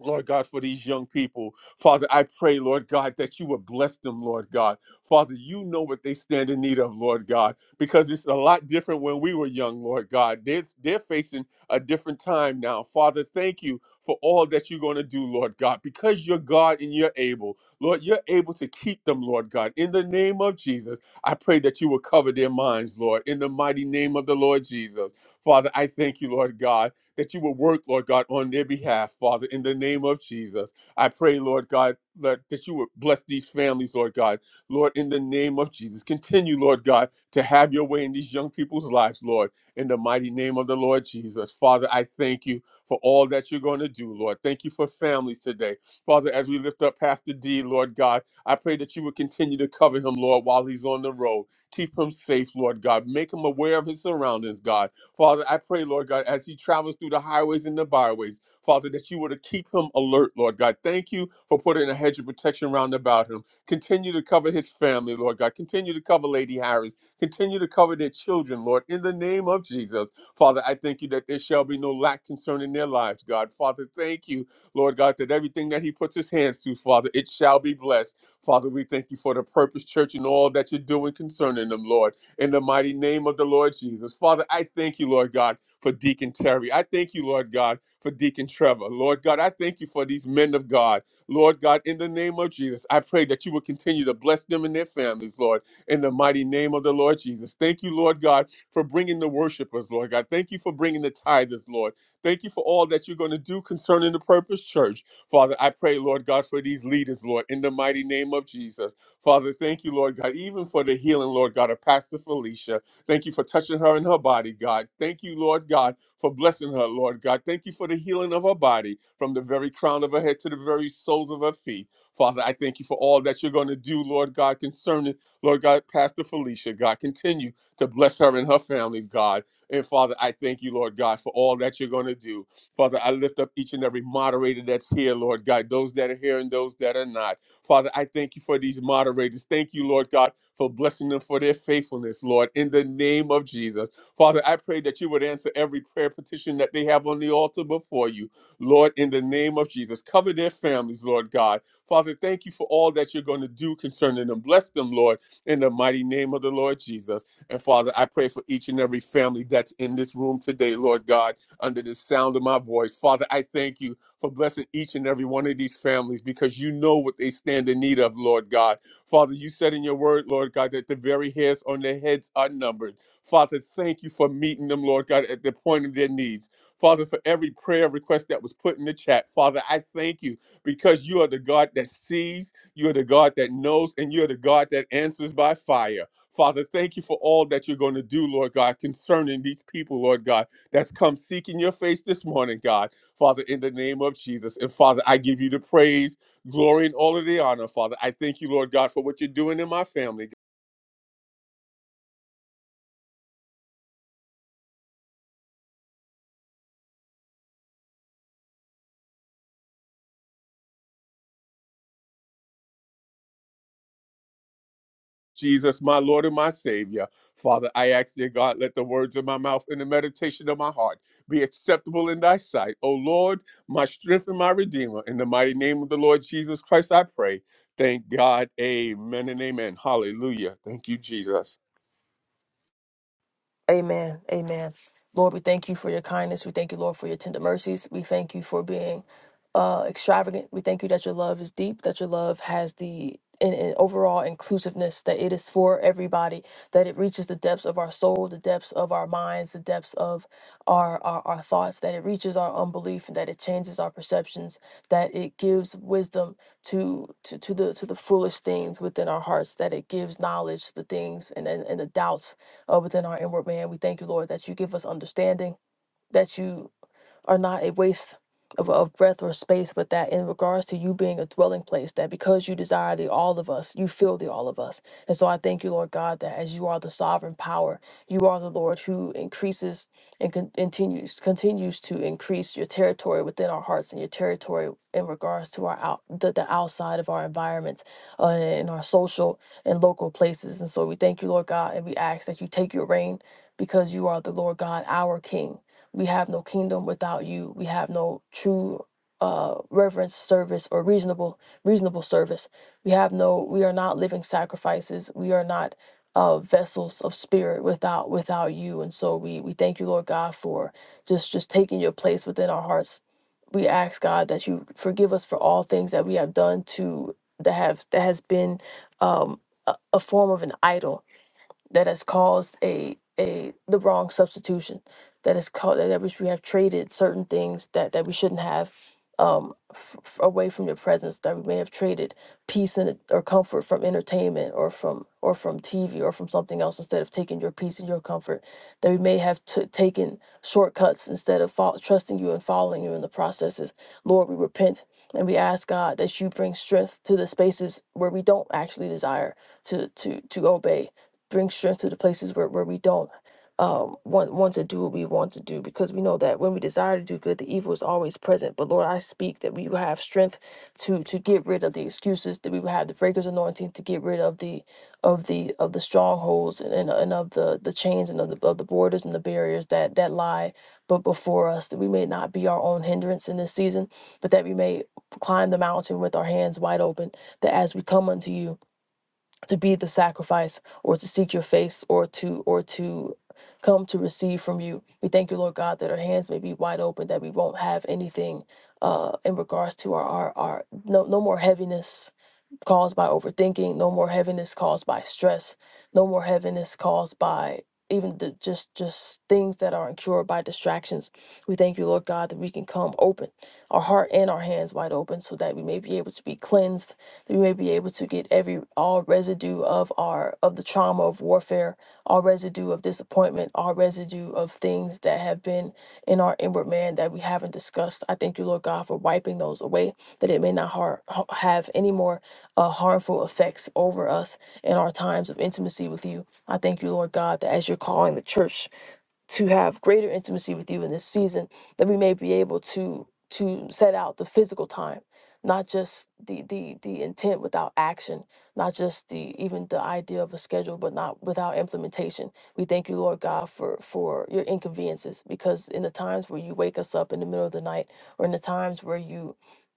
A: Lord God, for these young people. Father, I pray, Lord God, that you would bless them, Lord God. Father, you know what they stand in need of, Lord God, because it's a lot different when we were young, Lord God. They're, they're facing a different time now. Father, thank you for all that you're going to do, Lord God, because you're God and you're able. Lord, you're able to keep them, Lord God. In the name of Jesus, I pray that you will cover their minds, Lord, in the mighty name of the Lord Jesus. Father, I thank you, Lord God that you will work, Lord God, on their behalf, Father, in the name of Jesus. I pray, Lord God, that that you would bless these families, Lord God. Lord, in the name of Jesus, continue, Lord God, to have your way in these young people's lives, Lord, in the mighty name of the Lord Jesus. Father, I thank you for all that you're going to do, Lord. Thank you for families today. Father, as we lift up Pastor D, Lord God, I pray that you would continue to cover him, Lord, while he's on the road. Keep him safe, Lord God. Make him aware of his surroundings, God Father, I pray, Lord God, as he travels through the highways and the byways, Father, that you were to keep him alert, Lord God. Thank you for putting a hedge of protection round about him. Continue to cover his family, Lord God. Continue to cover Lady Harris. Continue to cover their children, Lord, in the name of Jesus. Father, I thank you that there shall be no lack concerning their lives, God. Father, thank you, Lord God, that everything that he puts his hands to, Father, it shall be blessed. Father, we thank you for the purpose, church, and all that you're doing concerning them, Lord in the mighty name of the Lord Jesus. Father, I thank you, Lord God, for Deacon Terry. I thank you, Lord God, for Deacon Trevor. Lord God, I thank you for these men of God. Lord God, in the name of Jesus, I pray that you will continue to bless them and their families, Lord, in the mighty name of the Lord Jesus. Thank you, Lord God, for bringing the worshipers, Lord God. Thank you for bringing the tithers, Lord. Thank you for all that you're going to do concerning the Purpose Church. Father, I pray, Lord God, for these leaders, Lord, in the mighty name of Jesus. Father, thank you, Lord God, even for the healing, Lord God, of Pastor Felicia. Thank you for touching her in her body, God. Thank you, Lord God, for blessing her, Lord God. Thank you for the healing of her body from the very crown of her head to the very soles of her feet. Father, I thank you for all that you're going to do, Lord God, concerning, Lord God, Pastor Felicia, God. Continue to bless her and her family, God. And Father, I thank you, Lord God, for all that you're going to do. Father, I lift up each and every moderator that's here, Lord God, those that are here and those that are not. Father, I thank you for these moderators. Thank you, Lord God, for blessing them for their faithfulness, Lord, in the name of Jesus. Father, I pray that you would answer every prayer petition that they have on the altar before you, Lord, in the name of Jesus. Cover their families, Lord God. Father, thank you for all that you're going to do concerning them. Bless them, Lord, in the mighty name of the Lord Jesus. And Father, I pray for each and every family that's in this room today, Lord God, under the sound of my voice. Father, I thank you for blessing each and every one of these families because you know what they stand in need of, Lord God. Father, you said in your word, Lord God, that the very hairs on their heads are numbered. Father, thank you for meeting them, Lord God, at the point of their needs. Father, for every prayer request that was put in the chat, Father, I thank you because you are the God that sees, you are the God that knows, and you are the God that answers by fire. Father, thank you for all that you're going to do, Lord God, concerning these people, Lord God, that's come seeking your face this morning, God. Father, in the name of Jesus. And Father, I give you the praise, glory, and all of the honor, Father. I thank you, Lord God, for what you're doing in my family. Jesus, my Lord and my Savior. Father, I ask, dear God, let the words of my mouth and the meditation of my heart be acceptable in thy sight. O Lord, my strength and my redeemer. In the mighty name of the Lord Jesus Christ, I pray. Thank God. Amen and amen. Hallelujah. Thank you, Jesus.
E: Amen. Amen. Lord, we thank you for your kindness. We thank you, Lord, for your tender mercies. We thank you for being uh, extravagant. We thank you that your love is deep, that your love has the an, an overall inclusiveness, that it is for everybody, that it reaches the depths of our soul, the depths of our minds, the depths of our, our, our thoughts, that it reaches our unbelief and that it changes our perceptions, that it gives wisdom to, to, to the to the foolish things within our hearts, that it gives knowledge to the things and, and, and the doubts uh, within our inward man. We thank you, Lord, that you give us understanding, that you are not a waste of, of breath or space, but that in regards to you being a dwelling place, that because you desire the all of us, you feel the all of us. And so I thank you, Lord God, that as you are the sovereign power, you are the Lord who increases and con- continues continues to increase your territory within our hearts and your territory in regards to our out the, the outside of our environments uh, in our social and local places. And so we thank you, Lord God, and we ask that you take your reign because you are the Lord God, our King. We have no kingdom without you. We have no true uh reverence service or reasonable reasonable service. We have no we are not living sacrifices. We are not uh vessels of spirit without without you. And so we we thank you, Lord God, for just just taking your place within our hearts. We ask God that you forgive us for all things that we have done to that have that has been um a, a form of an idol that has caused a a the wrong substitution that is called that which we we have traded certain things that that we shouldn't have um f- f- away from your presence that we may have traded peace and or comfort from entertainment or from or from TV or from something else instead of taking your peace and your comfort that we may have t- taken shortcuts instead of fol- trusting you and following you in the processes Lord we repent and we ask God that you bring strength to the spaces where we don't actually desire to to to obey bring strength to the places where, where we don't um, want want to do what we want to do because we know that when we desire to do good, the evil is always present. But Lord, I speak that we will have strength to to get rid of the excuses, that we will have the breakers anointing to get rid of the of the of the strongholds and, and, and of the the chains and of the of the borders and the barriers that that lie but before us, that we may not be our own hindrance in this season, but that we may climb the mountain with our hands wide open, that as we come unto you, to be the sacrifice or to seek your face or to or to come to receive from you we thank you lord god that our hands may be wide open that we won't have anything uh in regards to our our, our no no more heaviness caused by overthinking, no more heaviness caused by stress, no more heaviness caused by even the, just just things that are incurred by distractions. We thank you, Lord God, that we can come open, our heart and our hands wide open, so that we may be able to be cleansed, that we may be able to get every all residue of our of the trauma of warfare, all residue of disappointment, all residue of things that have been in our inward man that we haven't discussed. I thank you, Lord God, for wiping those away, that it may not har- ha- have any more uh, harmful effects over us in our times of intimacy with you. I thank you, Lord God, that as you're calling the church to have greater intimacy with you in this season that we may be able to to set out the physical time not just the the the intent without action not just the even the idea of a schedule but not without implementation we thank you lord god for for your inconveniences because in the times where you wake us up in the middle of the night or in the times where you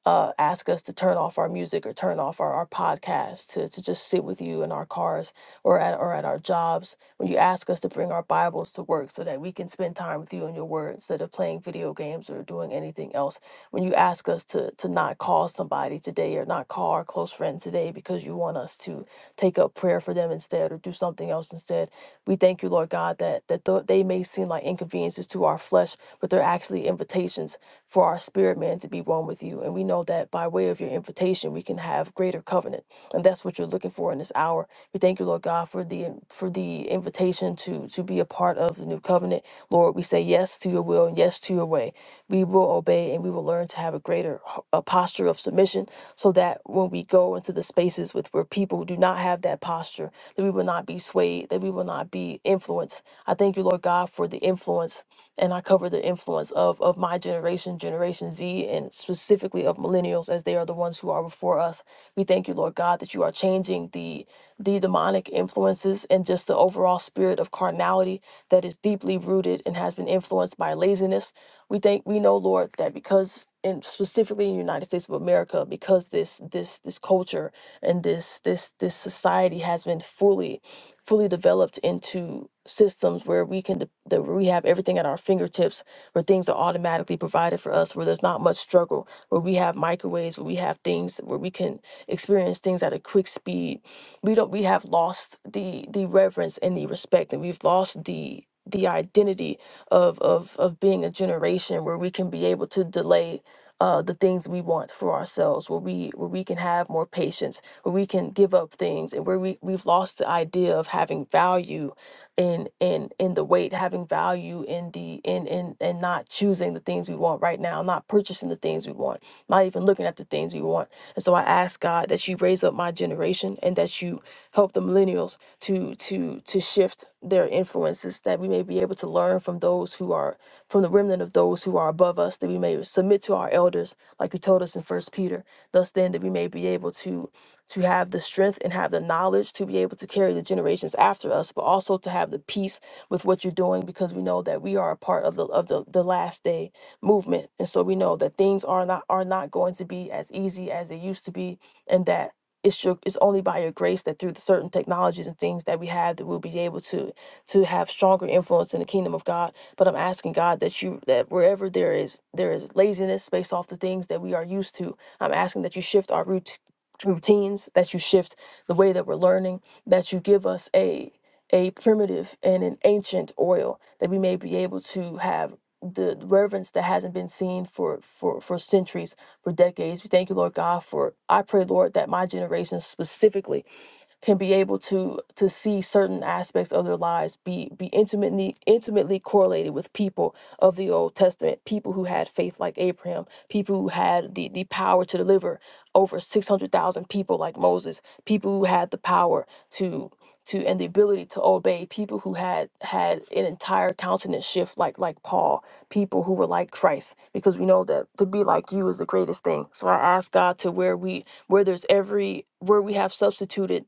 E: uh, ask us to turn off our music or turn off our, our podcast to, to just sit with you in our cars or at, or at our jobs. When you ask us to bring our Bibles to work so that we can spend time with you and your word instead of playing video games or doing anything else. When you ask us to, to not call somebody today or not call our close friends today because you want us to take up prayer for them instead or do something else instead. We thank you, Lord God, that, that though they may seem like inconveniences to our flesh, but they're actually invitations for our spirit man to be one with you. And we know that by way of your invitation, we can have greater covenant. And that's what you're looking for in this hour. We thank you, Lord God, for the for the invitation to to be a part of the new covenant. Lord, we say yes to your will and yes to your way. We will obey and we will learn to have a greater h- a posture of submission so that when we go into the spaces with where people who do not have that posture, that we will not be swayed, that we will not be influenced. I thank you, Lord God, for the influence and I cover the influence of of my generation, Generation Z, and specifically of millennials, as they are the ones who are before us. We thank you, Lord God, that you are changing the the demonic influences and just the overall spirit of carnality that is deeply rooted and has been influenced by laziness. We thank we know, Lord, that because and specifically in the United States of America, because this this this culture and this this this society has been fully fully developed into systems where we can de- that we have everything at our fingertips where things are automatically provided for us where there's not much struggle where we have microwaves where we have things where we can experience things at a quick speed we don't we have lost the the reverence and the respect and we've lost the the identity of of of being a generation where we can be able to delay uh, the things we want for ourselves where we where we can have more patience where we can give up things and where we, we've lost the idea of having value in in in the weight, having value in the in in and not choosing the things we want right now, not purchasing the things we want, not even looking at the things we want. And so I ask God that you raise up my generation and that you help the millennials to to to shift their influences, that we may be able to learn from those who are from the remnant of those who are above us, that we may submit to our elders, like you told us in First Peter. Thus then that we may be able to to have the strength and have the knowledge to be able to carry the generations after us, but also to have the peace with what you're doing because we know that we are a part of the of the, the last day movement. And so we know that things are not are not going to be as easy as they used to be and that it's your it's only by your grace that through the certain technologies and things that we have that we'll be able to to have stronger influence in the kingdom of God. But I'm asking God that you that wherever there is there is laziness based off the things that we are used to, I'm asking that you shift our routine routines, that you shift the way that we're learning, that you give us a a primitive and an ancient oil that we may be able to have the reverence that hasn't been seen for for for centuries, for decades. We thank you, Lord God, for I pray, Lord, that my generation specifically can be able to to see certain aspects of their lives be be intimately intimately correlated with people of the Old Testament, people who had faith like Abraham, people who had the the power to deliver over six hundred thousand people like Moses, people who had the power to to and the ability to obey people who had had an entire countenance shift like like Paul people who were like Christ because we know that to be like you is the greatest thing so I ask God to where we where there's every where we have substituted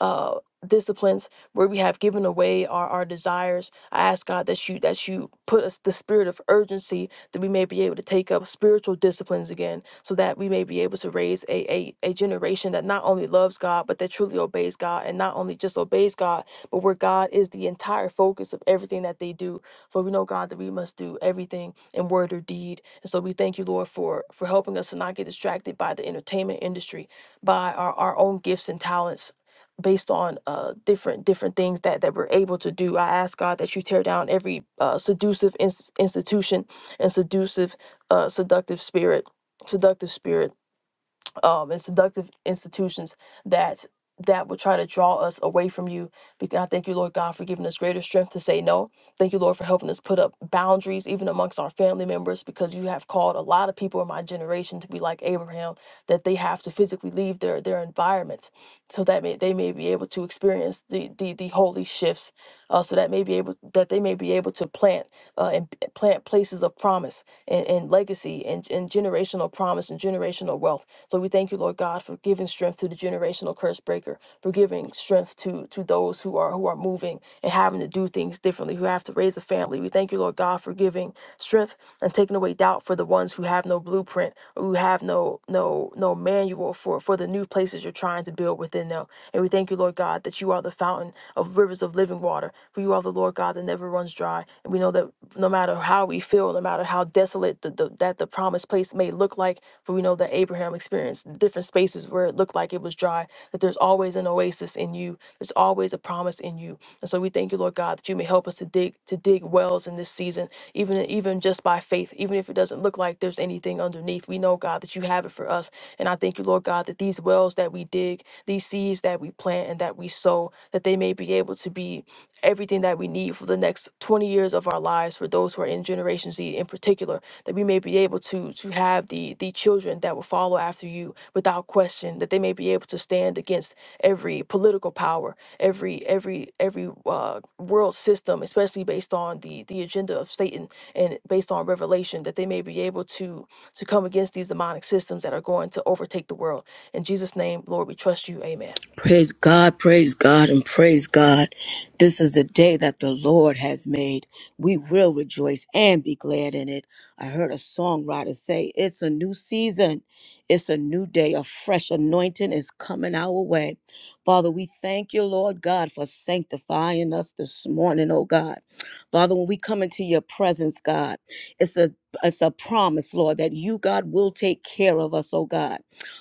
E: uh disciplines where we have given away our, our desires i ask god that you that you put us the spirit of urgency that we may be able to take up spiritual disciplines again so that we may be able to raise a, a a generation that not only loves god but that truly obeys god and not only just obeys god but where god is the entire focus of everything that they do for we know god that we must do everything in word or deed and so we thank you lord for for helping us to not get distracted by the entertainment industry by our, our own gifts and talents based on uh, different different things that that we're able to do. I ask God that you tear down every uh, seductive ins- institution and seductive uh, seductive spirit, seductive spirit um, and seductive institutions that that would try to draw us away from you. Because I thank you, Lord God, for giving us greater strength to say no. Thank you, Lord, for helping us put up boundaries even amongst our family members, because you have called a lot of people in my generation to be like Abraham, that they have to physically leave their their environments so that may, they may be able to experience the the the holy shifts uh, so that may be able that they may be able to plant uh, and p- plant places of promise and, and legacy and, and generational promise and generational wealth. So we thank you, Lord God, for giving strength to the generational curse breaker, for giving strength to to those who are who are moving and having to do things differently, who have to raise a family. We thank you, Lord God, for giving strength and taking away doubt for the ones who have no blueprint, who have no no no manual for for the new places you're trying to build within them. And we thank you, Lord God, that you are the fountain of rivers of living water. For you are the Lord God that never runs dry. And we know that no matter how we feel, no matter how desolate the, the, that the promised place may look like, for we know that Abraham experienced different spaces where it looked like it was dry, that there's always an oasis in you. There's always a promise in you. And so we thank you, Lord God, that you may help us to dig to dig wells in this season, even even just by faith, even if it doesn't look like there's anything underneath. We know, God, that you have it for us and I thank you, Lord God, that these wells that we dig, these seeds that we plant and that we sow, that they may be able to be everything that we need for the next 20 years of our lives for those who are in Generation Z in particular that we may be able to to have the the children that will follow after you without question that they may be able to stand against every political power every every every uh, world system especially based on the the agenda of satan and based on revelation that they may be able to to come against these demonic systems that are going to overtake the world in jesus name lord we trust you amen
C: Praise God, praise God, and praise God. This is the day that the Lord has made. We will rejoice and be glad in it. I heard a songwriter say, It's a new season, it's a new day. A fresh anointing is coming our way. Father, we thank you, Lord God, for sanctifying us this morning, oh God. Father, when we come into your presence, God, it's a it's a promise, Lord, that you, God, will take care of us, oh God.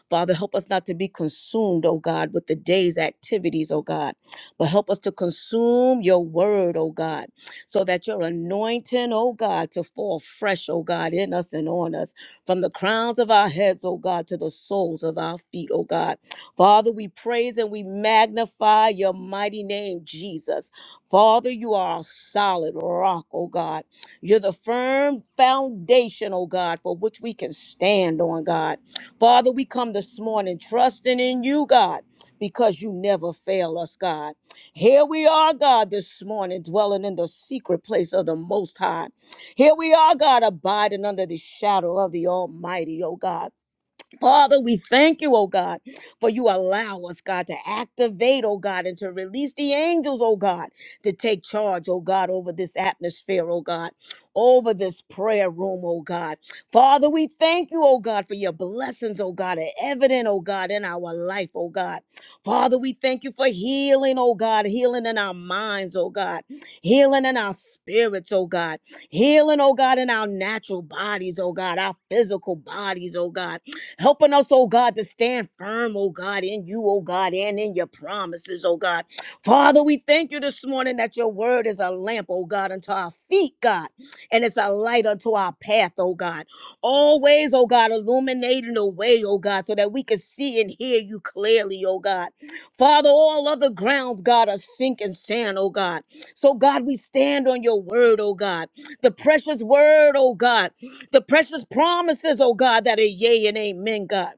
C: Father, help us not to be consumed, oh God, with the day's activities, oh God, but help us to consume your word, oh God, so that your anointing, oh God, to fall fresh, oh God, in us and on us, from the crowns of our heads, oh God, to the soles of our feet, oh God. Father, we praise and we magnify your mighty name, Jesus. Father, you are a solid rock, oh God. You're the firm foundation, oh God, for which we can stand on, God. Father, we come this morning trusting in you, God, because you never fail us, God. Here we are, God, this morning, dwelling in the secret place of the Most High. Here we are, God, abiding under the shadow of the Almighty, oh God. Father, we thank you, oh God, for you allow us, God, to activate, oh God, and to release the angels, oh God, to take charge, oh God, over this atmosphere, oh God, over this prayer room, oh God. Father, we thank you, oh God, for your blessings, oh God, are evident, oh God, in our life, oh God. Father, we thank you for healing, oh God, healing in our minds, oh God, healing in our spirits, oh God, healing, oh God, in our natural bodies, oh God, our physical bodies, oh God. Helping us, oh God, to stand firm, oh God, in you, oh God, and in your promises, oh God. Father, we thank you this morning that your word is a lamp, oh God, unto our feet, God, and it's a light unto our path, oh God. Always, oh God, illuminating the way, oh God, so that we can see and hear you clearly, oh God. Father, all other grounds, God, are sinking sand, oh God. So, God, we stand on your word, oh God. The precious word, oh God the precious promises, oh God, that are yea and amen, God.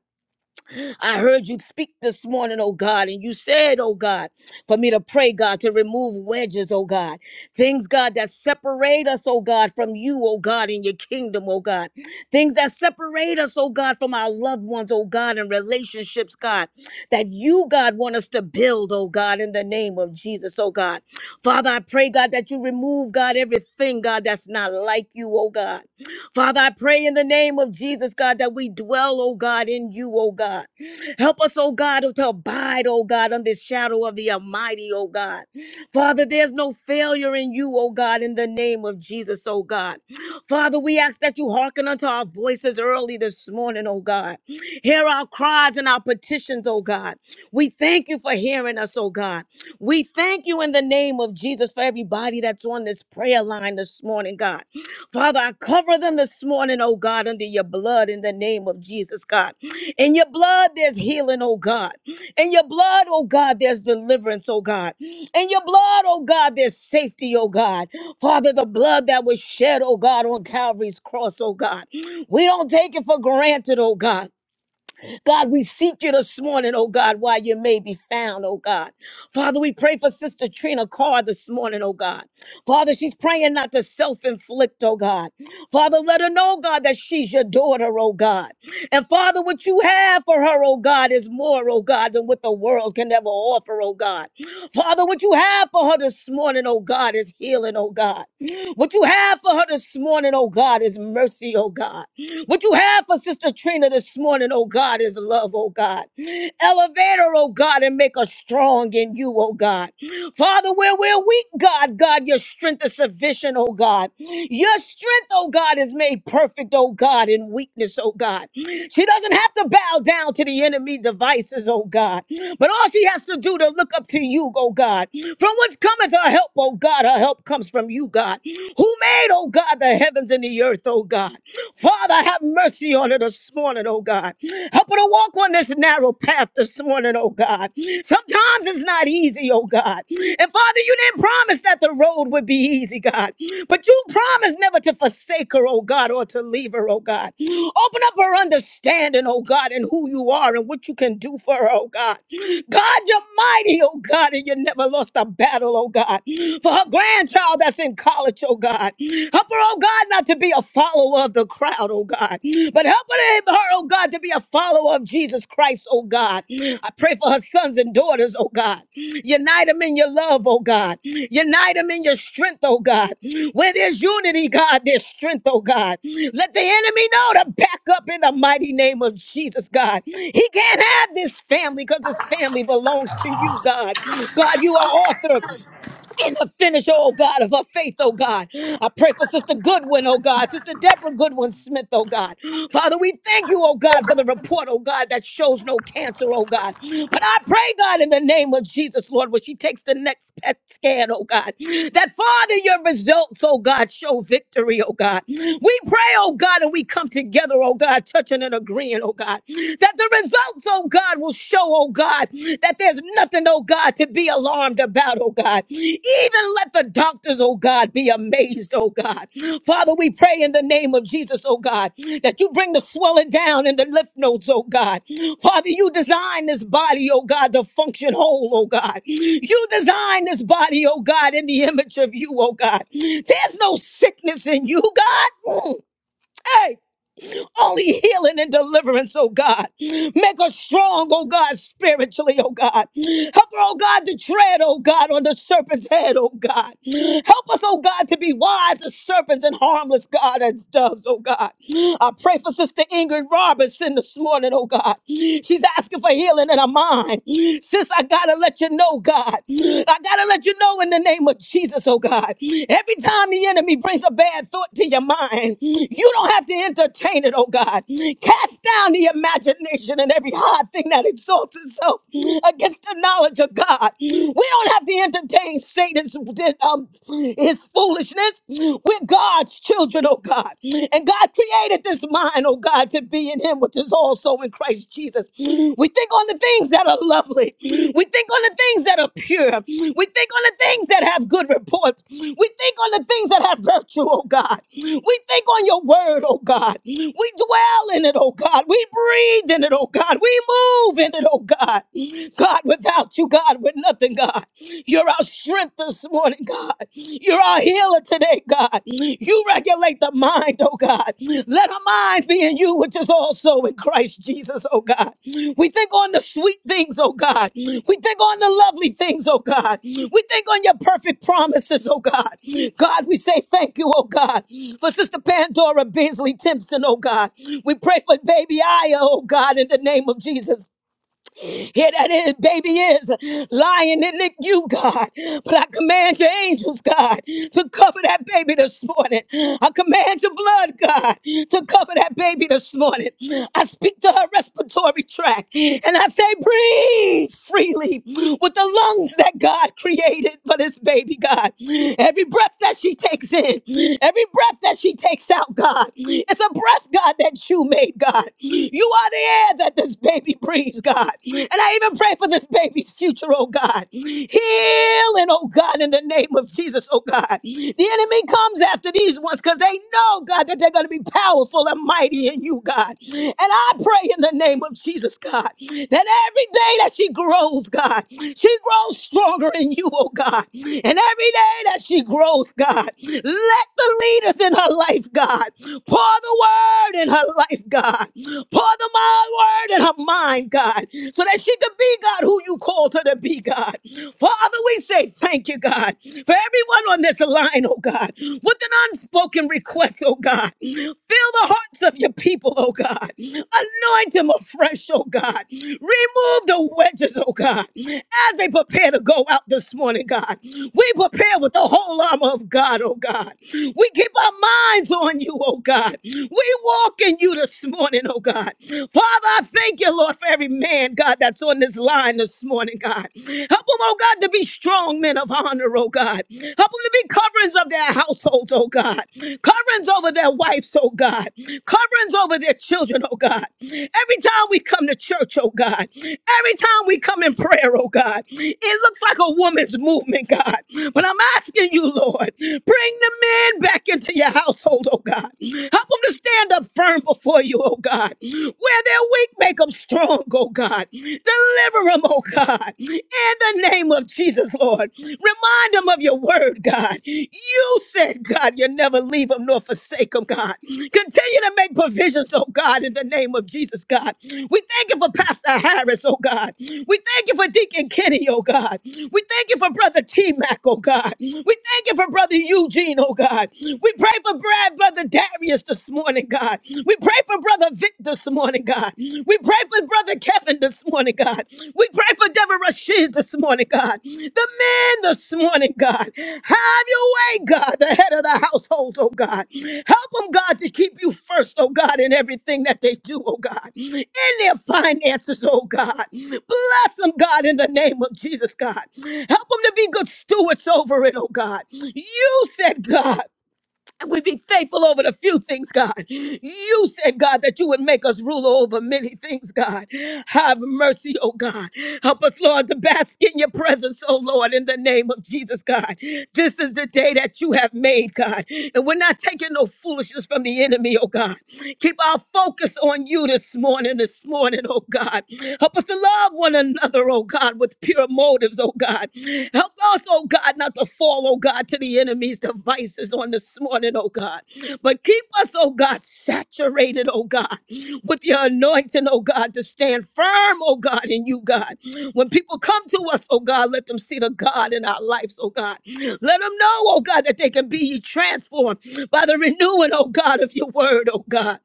C: I heard you speak this morning, oh God, and you said, oh God, for me to pray, God, to remove wedges, oh God. Things, God, that separate us, oh God, from you, oh God, in your kingdom, oh God. Things that separate us, oh God, from our loved ones, oh God, and relationships, God, that you, God, want us to build, oh God, in the name of Jesus, oh God. Father, I pray, God, that you remove, God, everything, God, that's not like you, oh God. Father, I pray in the name of Jesus, God, that we dwell, oh God, in you, oh God. Help us, oh God, to abide, oh God, under the shadow of the Almighty, oh God. Father, there's no failure in you, oh God, in the name of Jesus, oh God. Father, we ask that you hearken unto our voices early this morning, oh God. Hear our cries and our petitions, oh God. We thank you for hearing us, oh God. We thank you in the name of Jesus for everybody that's on this prayer line this morning, God. Father, I cover them this morning, oh God, under your blood in the name of Jesus, God. In your blood, there's healing, oh God. In your blood, oh God, there's deliverance, oh God. In your blood, oh God, there's safety, oh God. Father, the blood that was shed, oh God, on Calvary's cross, oh God. We don't take it for granted, oh God. God, we seek you this morning, oh God, while you may be found, oh God. Father, we pray for Sister Trina Carr this morning, oh God. Father, she's praying not to self inflict, oh God. Father, let her know, God, that she's your daughter, oh God. And Father, what you have for her, oh God, is more, oh God, than what the world can ever offer, oh God. Father, what you have for her this morning, oh God, is healing, oh God. What you have for her this morning, oh God, is mercy, oh God. What you have for Sister Trina this morning, oh God, is love, oh God. Elevate her, oh God, and make her strong in you, oh God. Father, where we're weak, God, God, your strength is sufficient, oh God. Your strength, oh God, is made perfect, oh God, in weakness, oh God. She doesn't have to bow down to the enemy devices, oh God. But all she has to do to look up to you, oh God. From whence cometh her help, oh God? Her help comes from you, God. Who made, oh God, the heavens and the earth, oh God. Father, have mercy on her this morning, oh God. Help her to walk walk on this narrow path this morning, oh God. Sometimes it's not easy, oh God. And Father, you didn't promise that the road would be easy, God. But you promised never to forsake her, oh God, or to leave her, oh God. Open up her understanding, oh God, and who you are and what you can do for her, oh God. God, you're mighty, oh God, and you never lost a battle, oh God. For her grandchild that's in college, oh God. Help her, oh God, not to to be a follower of the crowd, oh God. But help her, oh God, to be a follower of Jesus Christ, oh God. I pray for her sons and daughters, oh God. Unite them in your love, oh God. Unite them in your strength, oh God. Where there's unity, God, there's strength, oh God. Let the enemy know to back up in the mighty name of Jesus, God. He can't have this family because this family belongs to you, God. God, you are author and the finisher, oh God, of her faith, oh God. I pray for Sister Goodwin, oh God, Sister Deborah Goodwin Smith, oh God. Father, we thank you, oh God, for the report, oh God, that shows no cancer, oh God. But I pray, God, in the name of Jesus, Lord, when she takes the next PET scan, oh God, that Father, your results, oh God, show victory, oh God. We pray, oh God, and we come together, oh God, touching and agreeing, oh God, that the results, oh God, God will show, oh God, that there's nothing, oh God, to be alarmed about, oh God. Even let the doctors, oh God, be amazed, oh God. Father, we pray in the name of Jesus, oh God, that you bring the swelling down in the lymph nodes, oh God. Father, you design this body, oh God, to function whole, oh God. You design this body, oh God, in the image of you, oh God. There's no sickness in you, God. Mm. Hey, only healing and deliverance, oh God. Make us strong, oh God, spiritually, oh God. Help her, oh God, to tread, oh God, on the serpent's head, oh God. Help us, oh God, to be wise as serpents and harmless, God, as doves, oh God. I pray for Sister Ingrid Robertson this morning, oh God. She's asking for healing in her mind. Sis, I gotta let you know, God. I gotta let you know now in the name of Jesus, oh God. Every time the enemy brings a bad thought to your mind, you don't have to entertain it, oh God. Cast down the imagination and every high thing that exalts itself against the knowledge of God. We don't have to entertain Satan's um, his foolishness. We're God's children, oh God. And God created this mind, oh God, to be in him, which is all also in Christ Jesus. We think on the things that are lovely. We think on the things that are pure. We think on the things that have good reports. We think on the things that have virtue, oh God. We think on your word, oh God. We dwell in it, oh God. We breathe in it, oh God. We move in it, oh God. God, without you, God, we're nothing, God. You're our strength this morning, God. You're you're our healer today, God. You regulate the mind, oh God. Let our mind be in you, which is also in Christ Jesus, oh God. We think on the sweet things, oh God. We think on the lovely things, oh God. We think on your perfect promises, oh God. God, we say thank you, oh God, for Sister Pandora Beasley Timpson, oh God. We pray for baby Aya, oh God, in the name of Jesus. Here that is, baby is lying in the you, God. But I command your angels, God, to cover that baby this morning. I command your blood, God, to cover that baby this morning. I speak to her respiratory tract and I say, breathe freely with the lungs that God created for this baby, God. Every breath that she takes in, every breath that she takes out, God, it's a breath, God, that you made, God. You are the air that this baby baby breathes, God. And I even pray for this baby's future, oh God. Healing, oh God, in the name of Jesus, oh God. The enemy comes after these ones because they know, God, that they're going to be powerful and mighty in you, God. And I pray in the name of Jesus, God, that every day that she grows, God, she grows stronger in you, oh God. And every day that she grows, God, let the leaders in her life, God, pour the word in her life, God. Pour the my word and her mind, God, so that she could be, God, who you called her to be, God. Father, we say thank you, God, for everyone on this line, oh God, with an unspoken request, oh God. Fill the hearts of your people, oh God. Anoint them afresh, oh God. Remove the wedges, oh God, as they prepare to go out this morning, God. We prepare with the whole armor of God, oh God. We keep our minds on you, oh God. We walk in you this this morning, oh God. Father, I thank you, Lord, for every man, God, that's on this line this morning, God. Help them, oh God, to be strong men of honor, oh God. Help them to be coverings of their households, oh God. Coverings over their wives, oh God. Coverings over their children, oh God. Every time we come to church, oh God. Every time we come in prayer, oh God. It looks like a woman's movement, God. But I'm asking you, Lord, bring the men back into your household, oh God. Help them to stand up firm before you, oh God. Where they're weak, make them strong, oh God. Deliver them, oh God. In the name of Jesus, Lord. Remind them of your word, God. You said, God, you never leave them nor forsake them, God. Continue to make provisions, oh God, in the name of Jesus, God. We thank you for Pastor Harris, oh God. We thank you for Deacon Kenny, oh God. We thank you for Brother T Mac, oh God. We thank you for Brother Eugene, oh God. We pray for Brad God, Brother Darius this morning, God. We pray for Brother Vic this morning, God. We pray for Brother Kevin this morning, God. We pray for Deborah Rashid this morning, God. The men this morning, God. Have your way, God, the head of the household, oh God. Help them, God, to keep you first, oh God, in everything that they do, oh God. In their finances, oh God. Bless them, God, in the name of Jesus, God. Help them to be good stewards over it, oh God. You said, God and we'd be faithful over the few things, God. You said, God, that you would make us rule over many things, God. Have mercy, oh God. Help us, Lord, to bask in your presence, oh Lord, in the name of Jesus, God. This is the day that you have made, God. And we're not taking no foolishness from the enemy, oh God. Keep our focus on you this morning, this morning, oh God. Help us to love one another, oh God, with pure motives, oh God. Help us, oh God, not to fall, oh God, to the enemy's devices on this morning, oh God. But keep us, oh God, saturated, oh God, with your anointing, oh God, to stand firm, oh God, in you, God. When people come to us, oh God, let them see the God in our lives, oh God. Let them know, oh God, that they can be transformed by the renewing, oh God, of your word, oh God.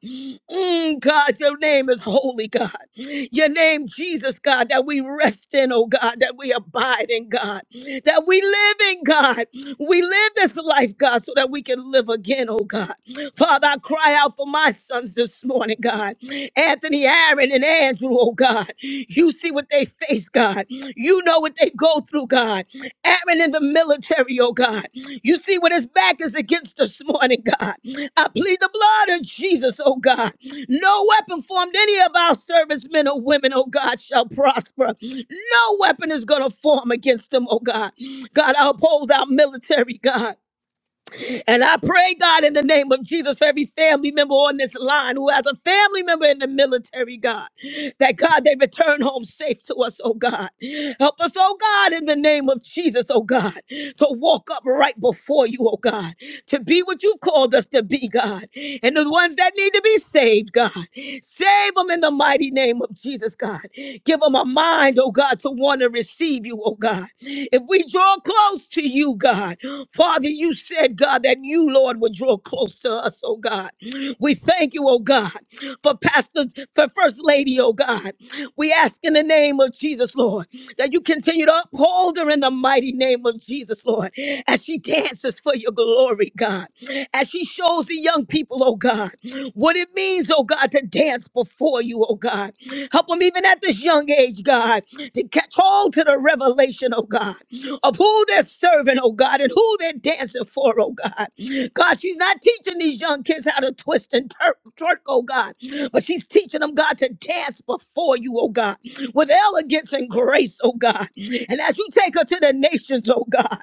C: Mm, God, your name is holy, God. Your name, Jesus, God, that we rest in, oh God, that we abide in, God, that we live in, God. We live this life, God, so that we can live again, oh God. Father, I cry out for my sons this morning, God. Anthony, Aaron, and Andrew, oh God. You see what they face, God. You know what they go through, God. Aaron in the military, oh God. You see what his back is against this morning, God. I plead the blood of Jesus, oh God. No weapon formed any of our servicemen or women, oh God, shall prosper. No weapon is going to form against them, oh God. God, I uphold our military, God. And I pray, God, in the name of Jesus, for every family member on this line who has a family member in the military, God, that God, they return home safe to us, oh God. Help us, oh God, in the name of Jesus, oh God, to walk up right before you, oh God to be what you've called us to be, God. And the ones that need to be saved, God, save them in the mighty name of Jesus, God. Give them a mind, oh God, to want to receive you, oh God. If we draw close to you, God, Father, you said, God, that you, Lord, would draw close to us, oh God. We thank you, oh God, for Pastor, for First Lady, oh God. We ask in the name of Jesus, Lord, that you continue to uphold her in the mighty name of Jesus, Lord, as she dances for your glory, God, as she shows the young people, oh God, what it means, oh God, to dance before you, oh God. Help them even at this young age, God, to catch hold to the revelation, oh God, of who they're serving, oh God, and who they're dancing for, oh God. God, she's not teaching these young kids how to twist and tur- twerk, oh God, but she's teaching them, God, to dance before you, oh God, with elegance and grace, oh God. And as you take her to the the nations, oh God.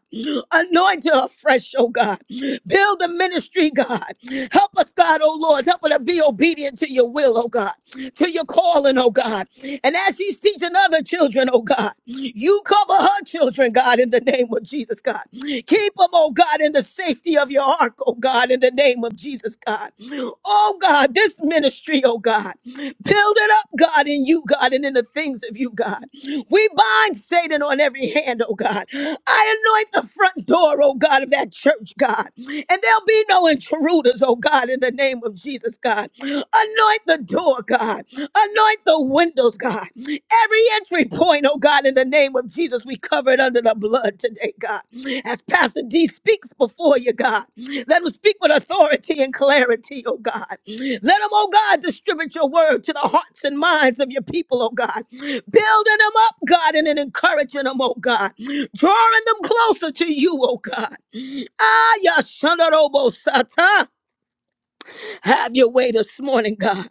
C: Anoint her afresh, oh God. Build the ministry, God. Help us, God, oh Lord. Help her to be obedient to your will, oh God, to your calling, oh God. And as she's teaching other children, oh God, you cover her children, God, in the name of Jesus, God. Keep them, oh God, in the safety of your ark, oh God, in the name of Jesus, God. Oh God, this ministry, oh God, build it up, God, in you, God, and in the things of you, God. We bind Bind Satan on every hand, oh God. I anoint the front door, oh God, of that church, God. And there'll be no intruders, oh God, in the name of Jesus, God. Anoint the door, God. Anoint the windows, God. Every entry point, oh God, in the name of Jesus, we cover it under the blood today, God. As Pastor D speaks before you, God, let him speak with authority and clarity, oh God. Let him, oh God, distribute your word to the hearts and minds of your people, oh God building them up, God, and then encouraging them, oh God, drawing them closer to you, oh God. Ah, Yashandarobosata. Have your way this morning, God.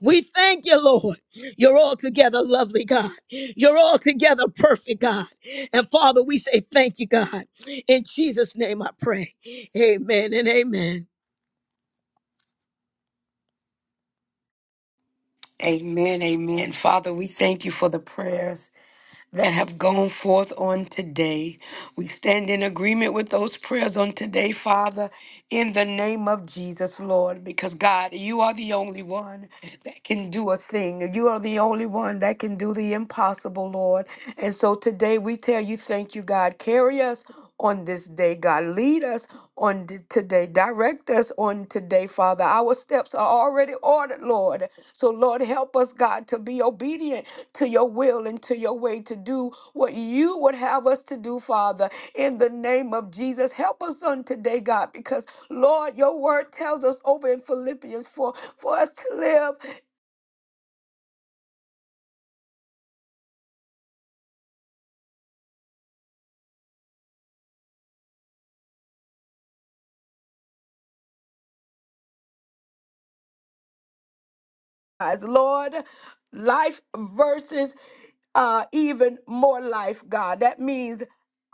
C: We thank you, Lord. You're altogether lovely, God. You're altogether perfect, God. And Father, we say thank you, God. In Jesus' name I pray. Amen and amen.
B: Amen, amen. Father, we thank you for the prayers. that have gone forth on today. We stand in agreement with those prayers on today, Father, in the name of Jesus, Lord, because God, you are the only one that can do a thing. You are the only one that can do the impossible, Lord. And so today we tell you, thank you, God. Carry us on this day, God. Lead us on t- today. Direct us on today, Father. Our steps are already ordered, Lord. So, Lord, help us, God, to be obedient to your will and to your way to do what you would have us to do, Father, in the name of Jesus. Help us on today, God, because Lord, your word tells us over in Philippians for, for us to live as Lord, life versus uh, even more life, God. That means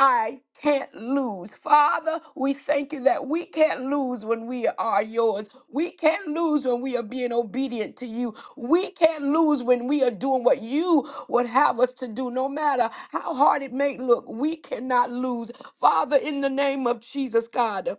B: I can't lose. Father, we thank you that we can't lose when we are yours. We can't lose when we are being obedient to you. We can't lose when we are doing what you would have us to do, no matter how hard it may look. We cannot lose. Father, in the name of Jesus, God.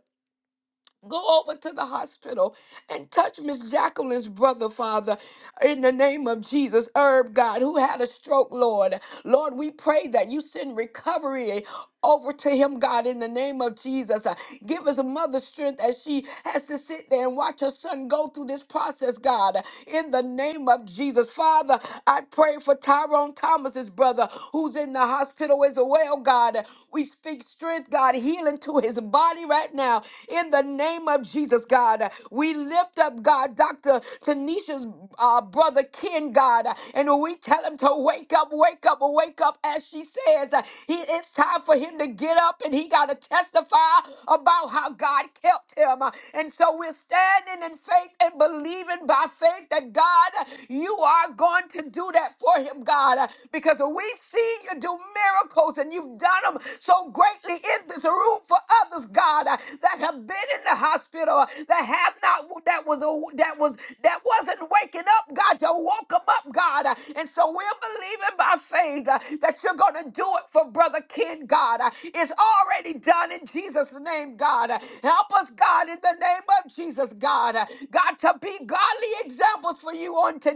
B: Go over to the hospital and touch Miss Jacqueline's brother, Father, in the name of Jesus. Herb, God, who had a stroke, Lord. Lord, we pray that you send recovery over to him, God, in the name of Jesus. Uh, Give his mother strength as she has to sit there and watch her son go through this process, God, uh, in the name of Jesus. Father, I pray for Tyrone Thomas's brother who's in the hospital as well, God. Uh, We speak strength, God, healing to his body right now, in the name of Jesus, God. Uh, We lift up, God, Dr. Tanisha's his uh, brother Ken, God. uh, And when we tell him to wake up, wake up, wake up, as she says. uh, He, it's time for him to get up and he got to testify about how God kept him. Uh, And so we're standing in faith and believing by faith that God, uh, you are going to do that for him, God, uh, because we've seen you do miracles and you've done them so greatly in this room for others, God, uh, that have been in the hospital, uh, that have not that was a- that was that wasn't waking up, God. You woke them up, God, uh, and so we're believing by faith uh, that you're gonna do it for Brother Ken, God. Uh, It's already done in Jesus' name, God. Uh, Help us, God, in the name of Jesus, God. Uh, God, to be godly examples for you on today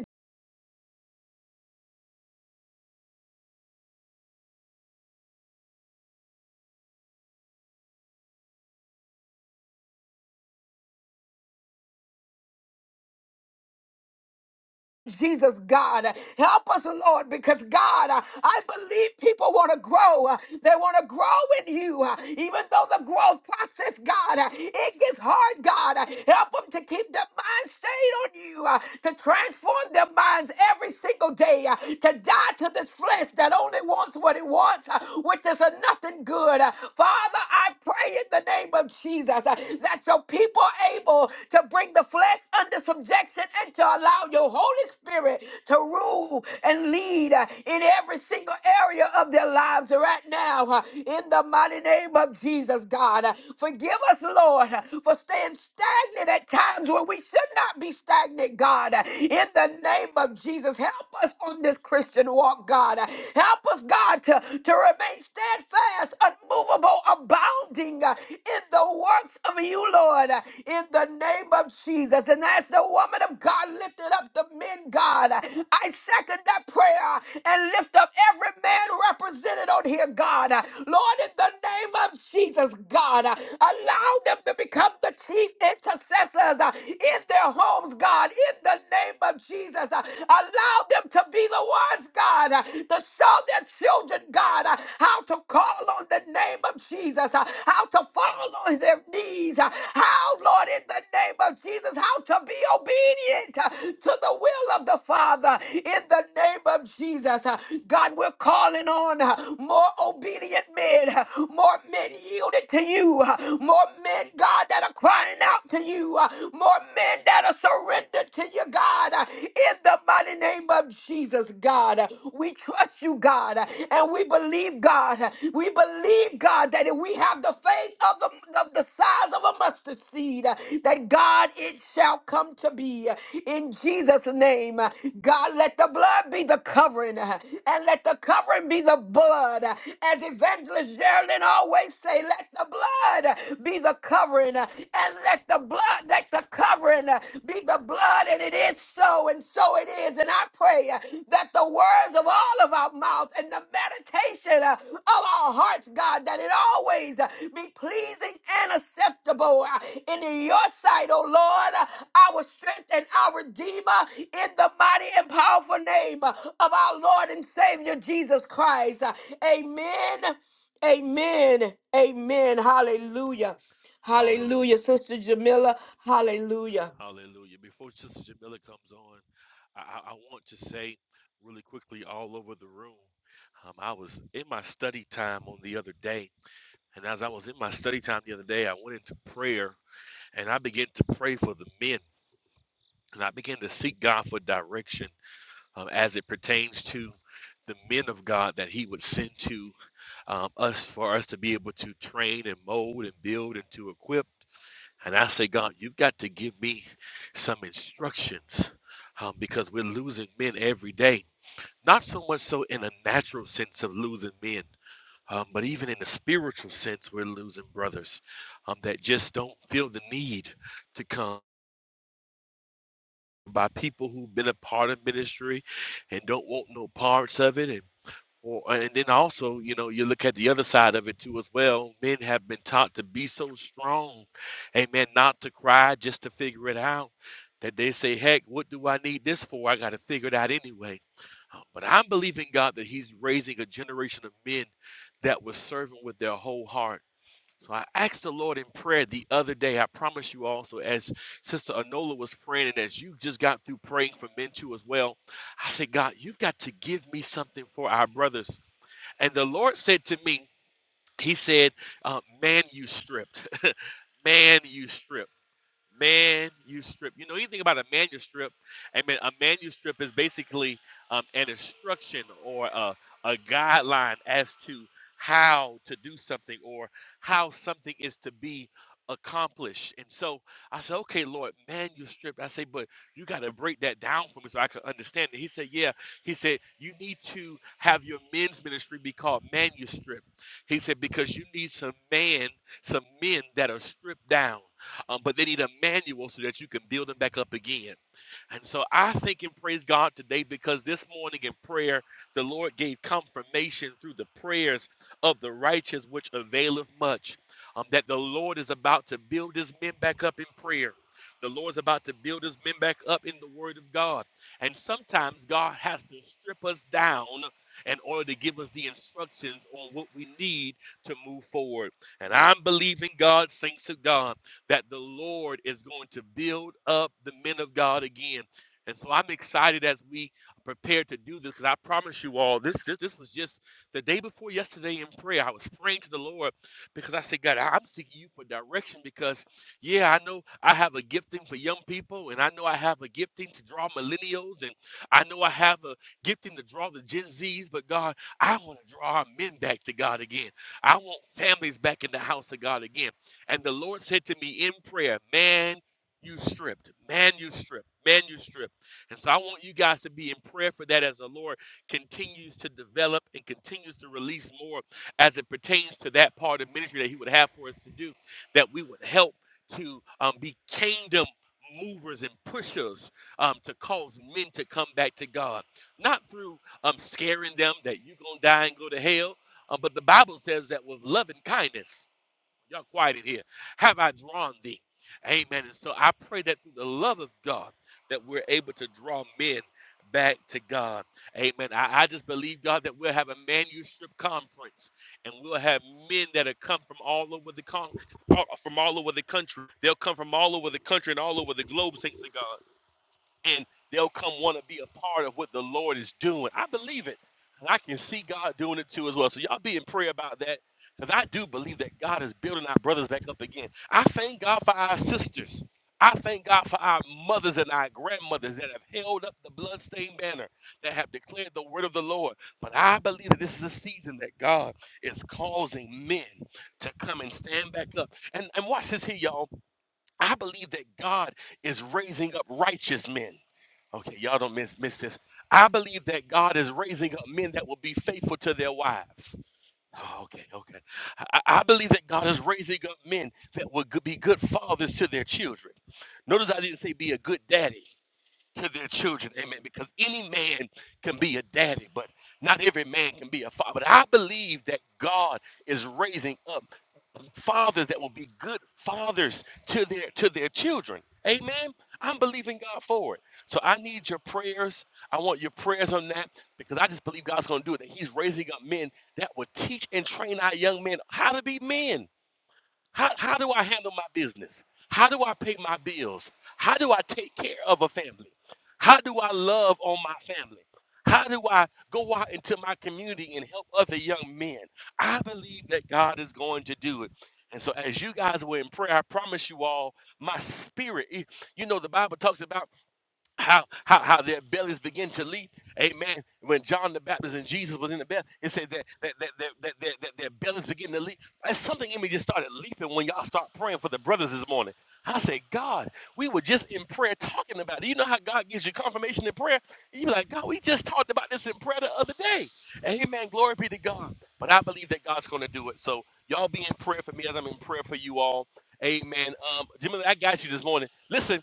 B: Jesus, God. Help us, Lord, because God, I believe people want to grow. They want to grow in you. Even though the growth process, God, it gets hard, God. Help them to keep their mind stayed on you, to transform their minds every single day, to die to this flesh that only wants what it wants, which is a nothing good. Father, I pray in the name of Jesus that your people are able to bring the flesh flesh under subjection and to allow your Holy Spirit to rule and lead uh, in every single area of their lives right now. uh, In the mighty name of Jesus, God. Uh, Forgive us, Lord, uh, for staying stagnant at times where we should not be stagnant, God. Uh, In the name of Jesus, help us on this Christian walk, God. Uh, Help us, God, to, to remain steadfast, unmovable, abounding uh, in the works of you, Lord, uh, in the name of Jesus. And as the woman of God lifted up the men, God, uh, I second that prayer and lift up every man represented on here, God. Uh, Lord, in the name of Jesus, God, uh, allow them to become the chief intercessors uh, in their homes, God, in in the name of Jesus. Uh, Allow them to be the ones, God, uh, to show their children, God, uh, how to call on the name of Jesus, uh, how to fall on their knees, uh, how, Lord, in the name of Jesus, how to be obedient uh, to the will of the Father in the name of Jesus. Uh, God, we're calling on uh, more obedient men, uh, more yielded to you. uh, More men, God, that are crying out to you. uh, More men that are surrendered to you, God. uh, In the mighty name of Jesus, God. Uh, We trust you, God, uh, and we believe, God. uh, We believe, God, that if we have the faith of the, of the size of a mustard seed, uh, that God, it shall come to be. Uh, In Jesus' name, uh, God, let the blood be the covering and let the covering be the blood. As Evangelist Geraldine always say, let the blood be the covering, and let the blood, let the covering be the blood, and it is so, and so it is. And I pray that the words of all of our mouths and the meditation of our hearts, God, that it always be pleasing and acceptable in in your sight, O Lord, our strength and our redeemer, in the mighty and powerful name of our Lord and Savior Jesus Christ. Amen. Amen. Amen. Hallelujah.
D: Hallelujah.
B: Hallelujah. Sister Jamila, hallelujah.
D: Hallelujah. Before Sister Jamila comes on, I, I I want to say really quickly all over the room. Um, I was in my study time on the other day, and as I was in my study time the other day, I went into prayer and I began to pray for the men. And I began to seek God for direction um, as it pertains to the men of God that He would send to um, us for us to be able to train and mold and build and to equip. And I say, God, you've got to give me some instructions um, because we're losing men every day. Not so much so in a natural sense of losing men, um, but even in a spiritual sense, we're losing brothers um, that just don't feel the need to come by people who've been a part of ministry and don't want no parts of it. and well, and then also, you know, you look at the other side of it too as well. Men have been taught to be so strong, amen, not to cry just to figure it out. That they say, heck, what do I need this for? I got to figure it out anyway. But I'm believing God that He's raising a generation of men that was serving with their whole heart. So I asked the Lord in prayer the other day. I promise you also, as Sister Anola was praying, and as you just got through praying for men too as well, I said, God, you've got to give me something for our brothers. And the Lord said to me, He said, uh, Man, you stripped. Man, you stripped manuscript. You know anything about a manuscript? I mean, a manuscript is basically um, an instruction or a, a guideline as to how to do something or how something is to be accomplished. And so I said, okay, Lord, manuscript. I say, but you got to break that down for me so I can understand it. He said, yeah. He said, you need to have your men's ministry be called manuscript. He said, because you need some man, some men that are stripped down um, but they need a manual so that you can build them back up again. And so I think and praise God today because this morning in prayer, the Lord gave confirmation through the prayers of the righteous, which availeth much, um, that the Lord is about to build his men back up in prayer. The Lord is about to build his men back up in the word of God. And sometimes God has to strip us down in order to give us the instructions on what we need to move forward. And I'm believing God, saints of God, that the Lord is going to build up the men of God again. And so I'm excited as we prepare to do this because I promise you all, this, this this was just the day before yesterday in prayer. I was praying to the Lord because I said, God, I- am seeking you for direction because, yeah, I know I have a gifting for young people and I know I have a gifting to draw millennials and I know I have a gifting to draw the Gen Zs, but God, I want to draw our men back to God again. I want families back in the house of God again. And the Lord said to me in prayer, Man, you stripped. Man, you stripped. Man, you stripped. And so I want you guys to be in prayer for that as the Lord continues to develop and continues to release more as it pertains to that part of ministry that He would have for us to do, that we would help to um, be kingdom movers and pushers um, to cause men to come back to God. Not through um, scaring them that you're going to die and go to hell, uh, but the Bible says that with love and kindness. Y'all quiet in here. Have I drawn thee? Amen. And so I pray that through the love of God that we're able to draw men back to God. Amen. I, I just believe, God, that we'll have a manuscript conference and we'll have men that have come from all over the con- all- from all over the country. They'll come from all over the country and all over the globe, thanks to God and they'll come want to be a part of what the Lord is doing. I believe it. And I can see God doing it too as well. So y'all be in prayer about that because I do believe that God is building our brothers back up again. I thank God for our sisters. I thank God for our mothers and our grandmothers that have held up the bloodstained banner, that have declared the word of the Lord. But I believe that this is a season that God is causing men to come and stand back up. And, and watch this here, y'all. I believe that God is raising up righteous men. Okay, y'all don't miss miss this. I believe that God is raising up men that will be faithful to their wives. Oh, okay, okay. I, I believe that God is raising up men that will go- be good fathers to their children. Notice I didn't say be a good daddy to their children. Amen. Because any man can be a daddy, but not every man can be a father. But I believe that God is raising up fathers that will be good fathers to their to their children. Amen. I'm believing God for it. So I need your prayers. I want your prayers on that because I just believe God's going to do it. That He's raising up men that will teach and train our young men how to be men. How, how do I handle my business? How do I pay my bills? How do I take care of a family? How do I love on my family? How do I go out into my community and help other young men? I believe that God is going to do it. And so, as you guys were in prayer, I promise you all, my spirit, it- you know, the Bible talks about how how how their bellies begin to leap. Amen. When John the Baptist and Jesus was in the belly, it said that that that that, that, that, that their bellies begin to leap. That's something in me just started leaping when y'all start praying for the brothers this morning. I said, God, we were just in prayer talking about it. You know how God gives you confirmation in prayer? You be like, God, we just talked about this in prayer the other day. Amen. Glory be to God. But I believe that God's going to do it. So y'all be in prayer for me as I'm in prayer for you all. Amen. Um, Jimmy, I got you this morning. Listen.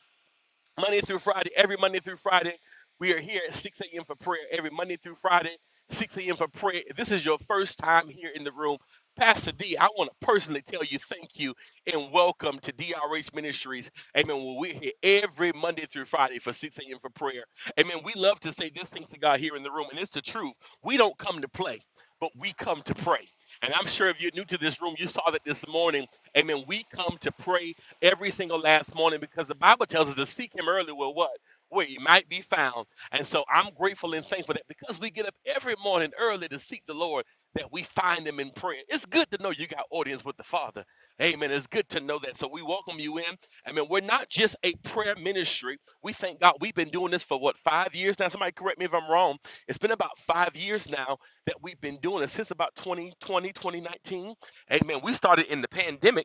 D: Monday through Friday, every Monday through Friday, we are here at 6 a.m. for prayer. Every Monday through Friday, 6 a.m. for prayer. If this is your first time here in the room, Pastor D, I want to personally tell you thank you and welcome to DRH Ministries. Amen. Well, we're here every Monday through Friday for 6 a.m. for prayer. Amen. We love to say this things to God here in the room, and it's the truth. We don't come to play, but we come to pray. And I'm sure if you're new to this room, you saw that this morning. Amen. We come to pray every single last morning because the Bible tells us to seek Him early with what? Where He might be found. And so I'm grateful and thankful that because we get up every morning early to seek the Lord, that we find Him in prayer. It's good to know you got audience with the Father. Amen. It's good to know that. So we welcome you in. I mean, we're not just a prayer ministry. We thank God we've been doing this for what, five years now? Somebody correct me if I'm wrong. It's been about five years now that we've been doing it since about 2020, 2019. Amen. We started in the pandemic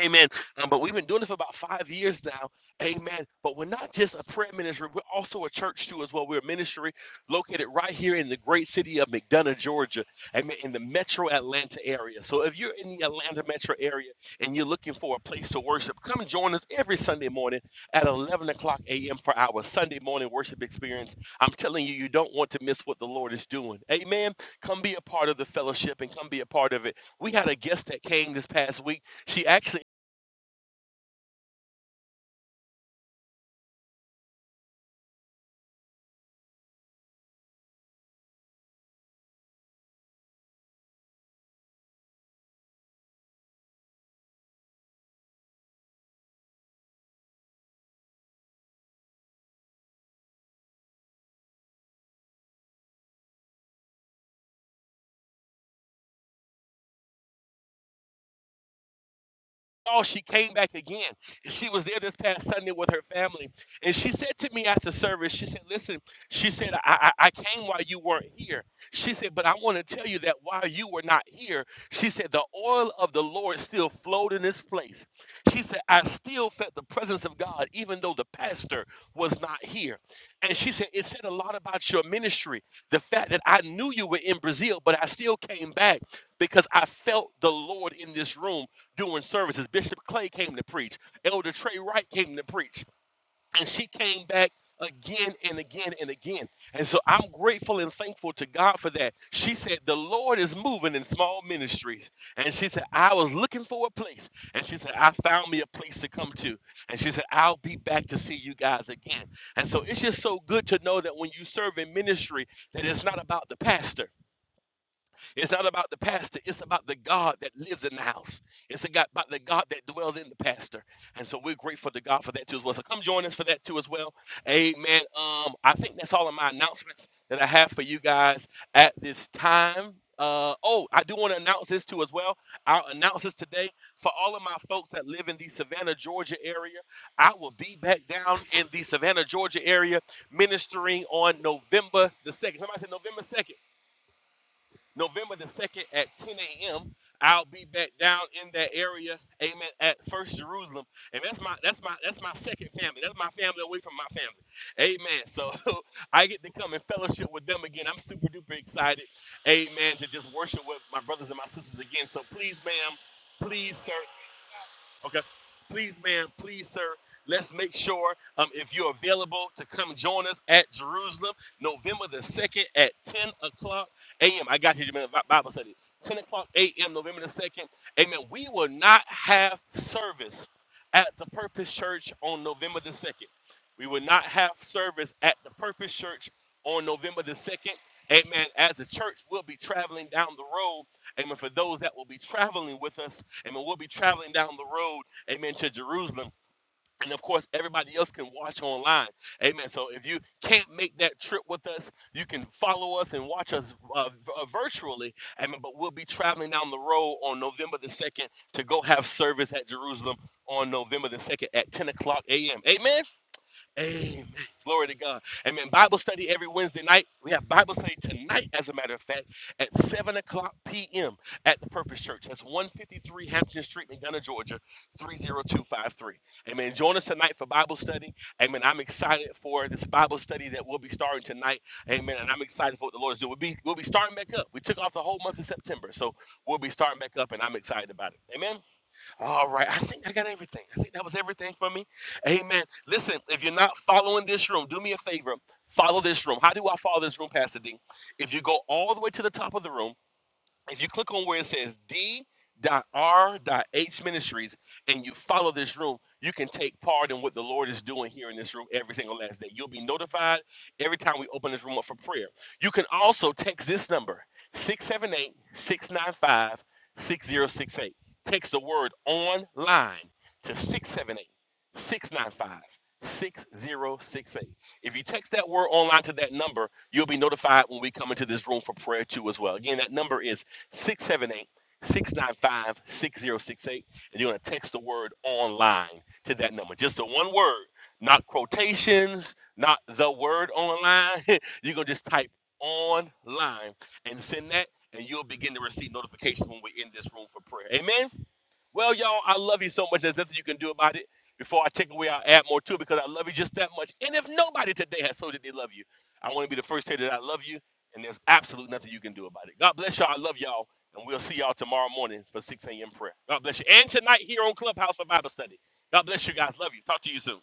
D: Amen. Um, but we've been doing this for about five years now. Amen. But we're not just a prayer ministry, we're also a church too, as well. We're a ministry located right here in the great city of McDonough, Georgia. Amen. In the metro Atlanta area. So if you're in the Atlanta metro area and you're looking for a place to worship, come join us every Sunday morning at 11 o'clock a.m. for our Sunday morning worship experience. I'm telling you, you don't want to miss what the Lord is doing. Amen. Come be a part of the fellowship and come be a part of it. We had a guest that came this past week. She actually Oh, she came back again. She was there this past Sunday with her family. And she said to me after service, she said, Listen, she said, I, I, I came while you weren't here. She said, But I want to tell you that while you were not here, she said, The oil of the Lord still flowed in this place. She said, I still felt the presence of God, even though the pastor was not here. And she said, It said a lot about your ministry. The fact that I knew you were in Brazil, but I still came back because I felt the Lord in this room doing services. Bishop Clay came to preach. Elder Trey Wright came to preach. And she came back again and again and again. And so I'm grateful and thankful to God for that. She said, The Lord is moving in small ministries. And she said, I was looking for a place. And she said, I found me a place to come to. And she said, I'll be back to see you guys again. And so it's just so good to know that when you serve in ministry, that it's not about the pastor. It's not about the pastor. It's about the God that lives in the house. It's about the God that dwells in the pastor. And so we're grateful to God for that too as well. So come join us for that too as well. Amen. Um, I think that's all of my announcements that I have for you guys at this time. Uh, oh, I do want to announce this too as well. I'll announce this today for all of my folks that live in the Savannah, Georgia area. I will be back down in the Savannah, Georgia area ministering on November the 2nd. Somebody said November 2nd. November the 2nd at 10 a.m. I'll be back down in that area, amen, at First Jerusalem. And that's my that's my that's my second family. That's my family away from my family. Amen. So I get to come and fellowship with them again. I'm super duper excited. Amen. To just worship with my brothers and my sisters again. So please, ma'am, please, sir, Okay. Please, ma'am, please, sir, let's make sure um, if you're available to come join us at Jerusalem, November the 2nd at 10 o'clock a.m. I got you, man. Bi- Bible study. 10 o'clock a.m., November the 2nd. Amen. We will not have service at the Purpose Church on November the 2nd. We will not have service at the Purpose Church on November the 2nd. Amen. As the church will be traveling down the road Amen. For those that will be traveling with us, amen, we'll be traveling down the road, amen, to Jerusalem. And of course, everybody else can watch online. Amen. So if you can't make that trip with us, you can follow us and watch us uh, uh, virtually. Amen. But we'll be traveling down the road on November the 2nd to go have service at Jerusalem on November the 2nd at 10 o'clock a.m. Amen. Amen. Glory to God. Amen. Bible study every Wednesday night. We have Bible study tonight, as a matter of fact, at 7 o'clock p.m. at the Purpose Church. That's 153 Hampton Street, McDonough, Georgia, 30253. Amen. Join us tonight for Bible study. Amen. I'm excited for this Bible study that we'll be starting tonight. Amen. And I'm excited for what the Lord is doing. We'll be, we'll be starting back up. We took off the whole month of September, so we'll be starting back up, and I'm excited about it. Amen. All right. I think I got everything. I think that was everything for me. Amen. Listen, if you're not following this room, do me a favor. Follow this room. How do I follow this room, Pastor D? If you go all the way to the top of the room, if you click on where it says d.r.h ministries and you follow this room you can take part in what the lord is doing here in this room every single last day you'll be notified every time we open this room up for prayer you can also text this number six seven eight six nine five six zero six eight. text the word online to six seven eight six nine five six zero six eight. If you text that word online to that number, you'll be notified when we come into this room for prayer too as well. Again, that number is 678 695 6068, And you're going to text the word online to that number. Just the one word, not quotations, not the word online. you're going to just type online and send that, and you'll begin to receive notifications when we're in this room for prayer. Amen. Well, y'all, I love you so much. There's nothing you can do about it. Before I take away, I'll add more too because I love you just that much. And if nobody today has told you they love you, I want to be the first to say that I love you, and there's absolutely nothing you can do about it. God bless y'all. I love y'all, and we'll see y'all tomorrow morning for 6 a.m. prayer. God bless you. And tonight here on Clubhouse for Bible study. God bless you guys. Love you. Talk to you soon.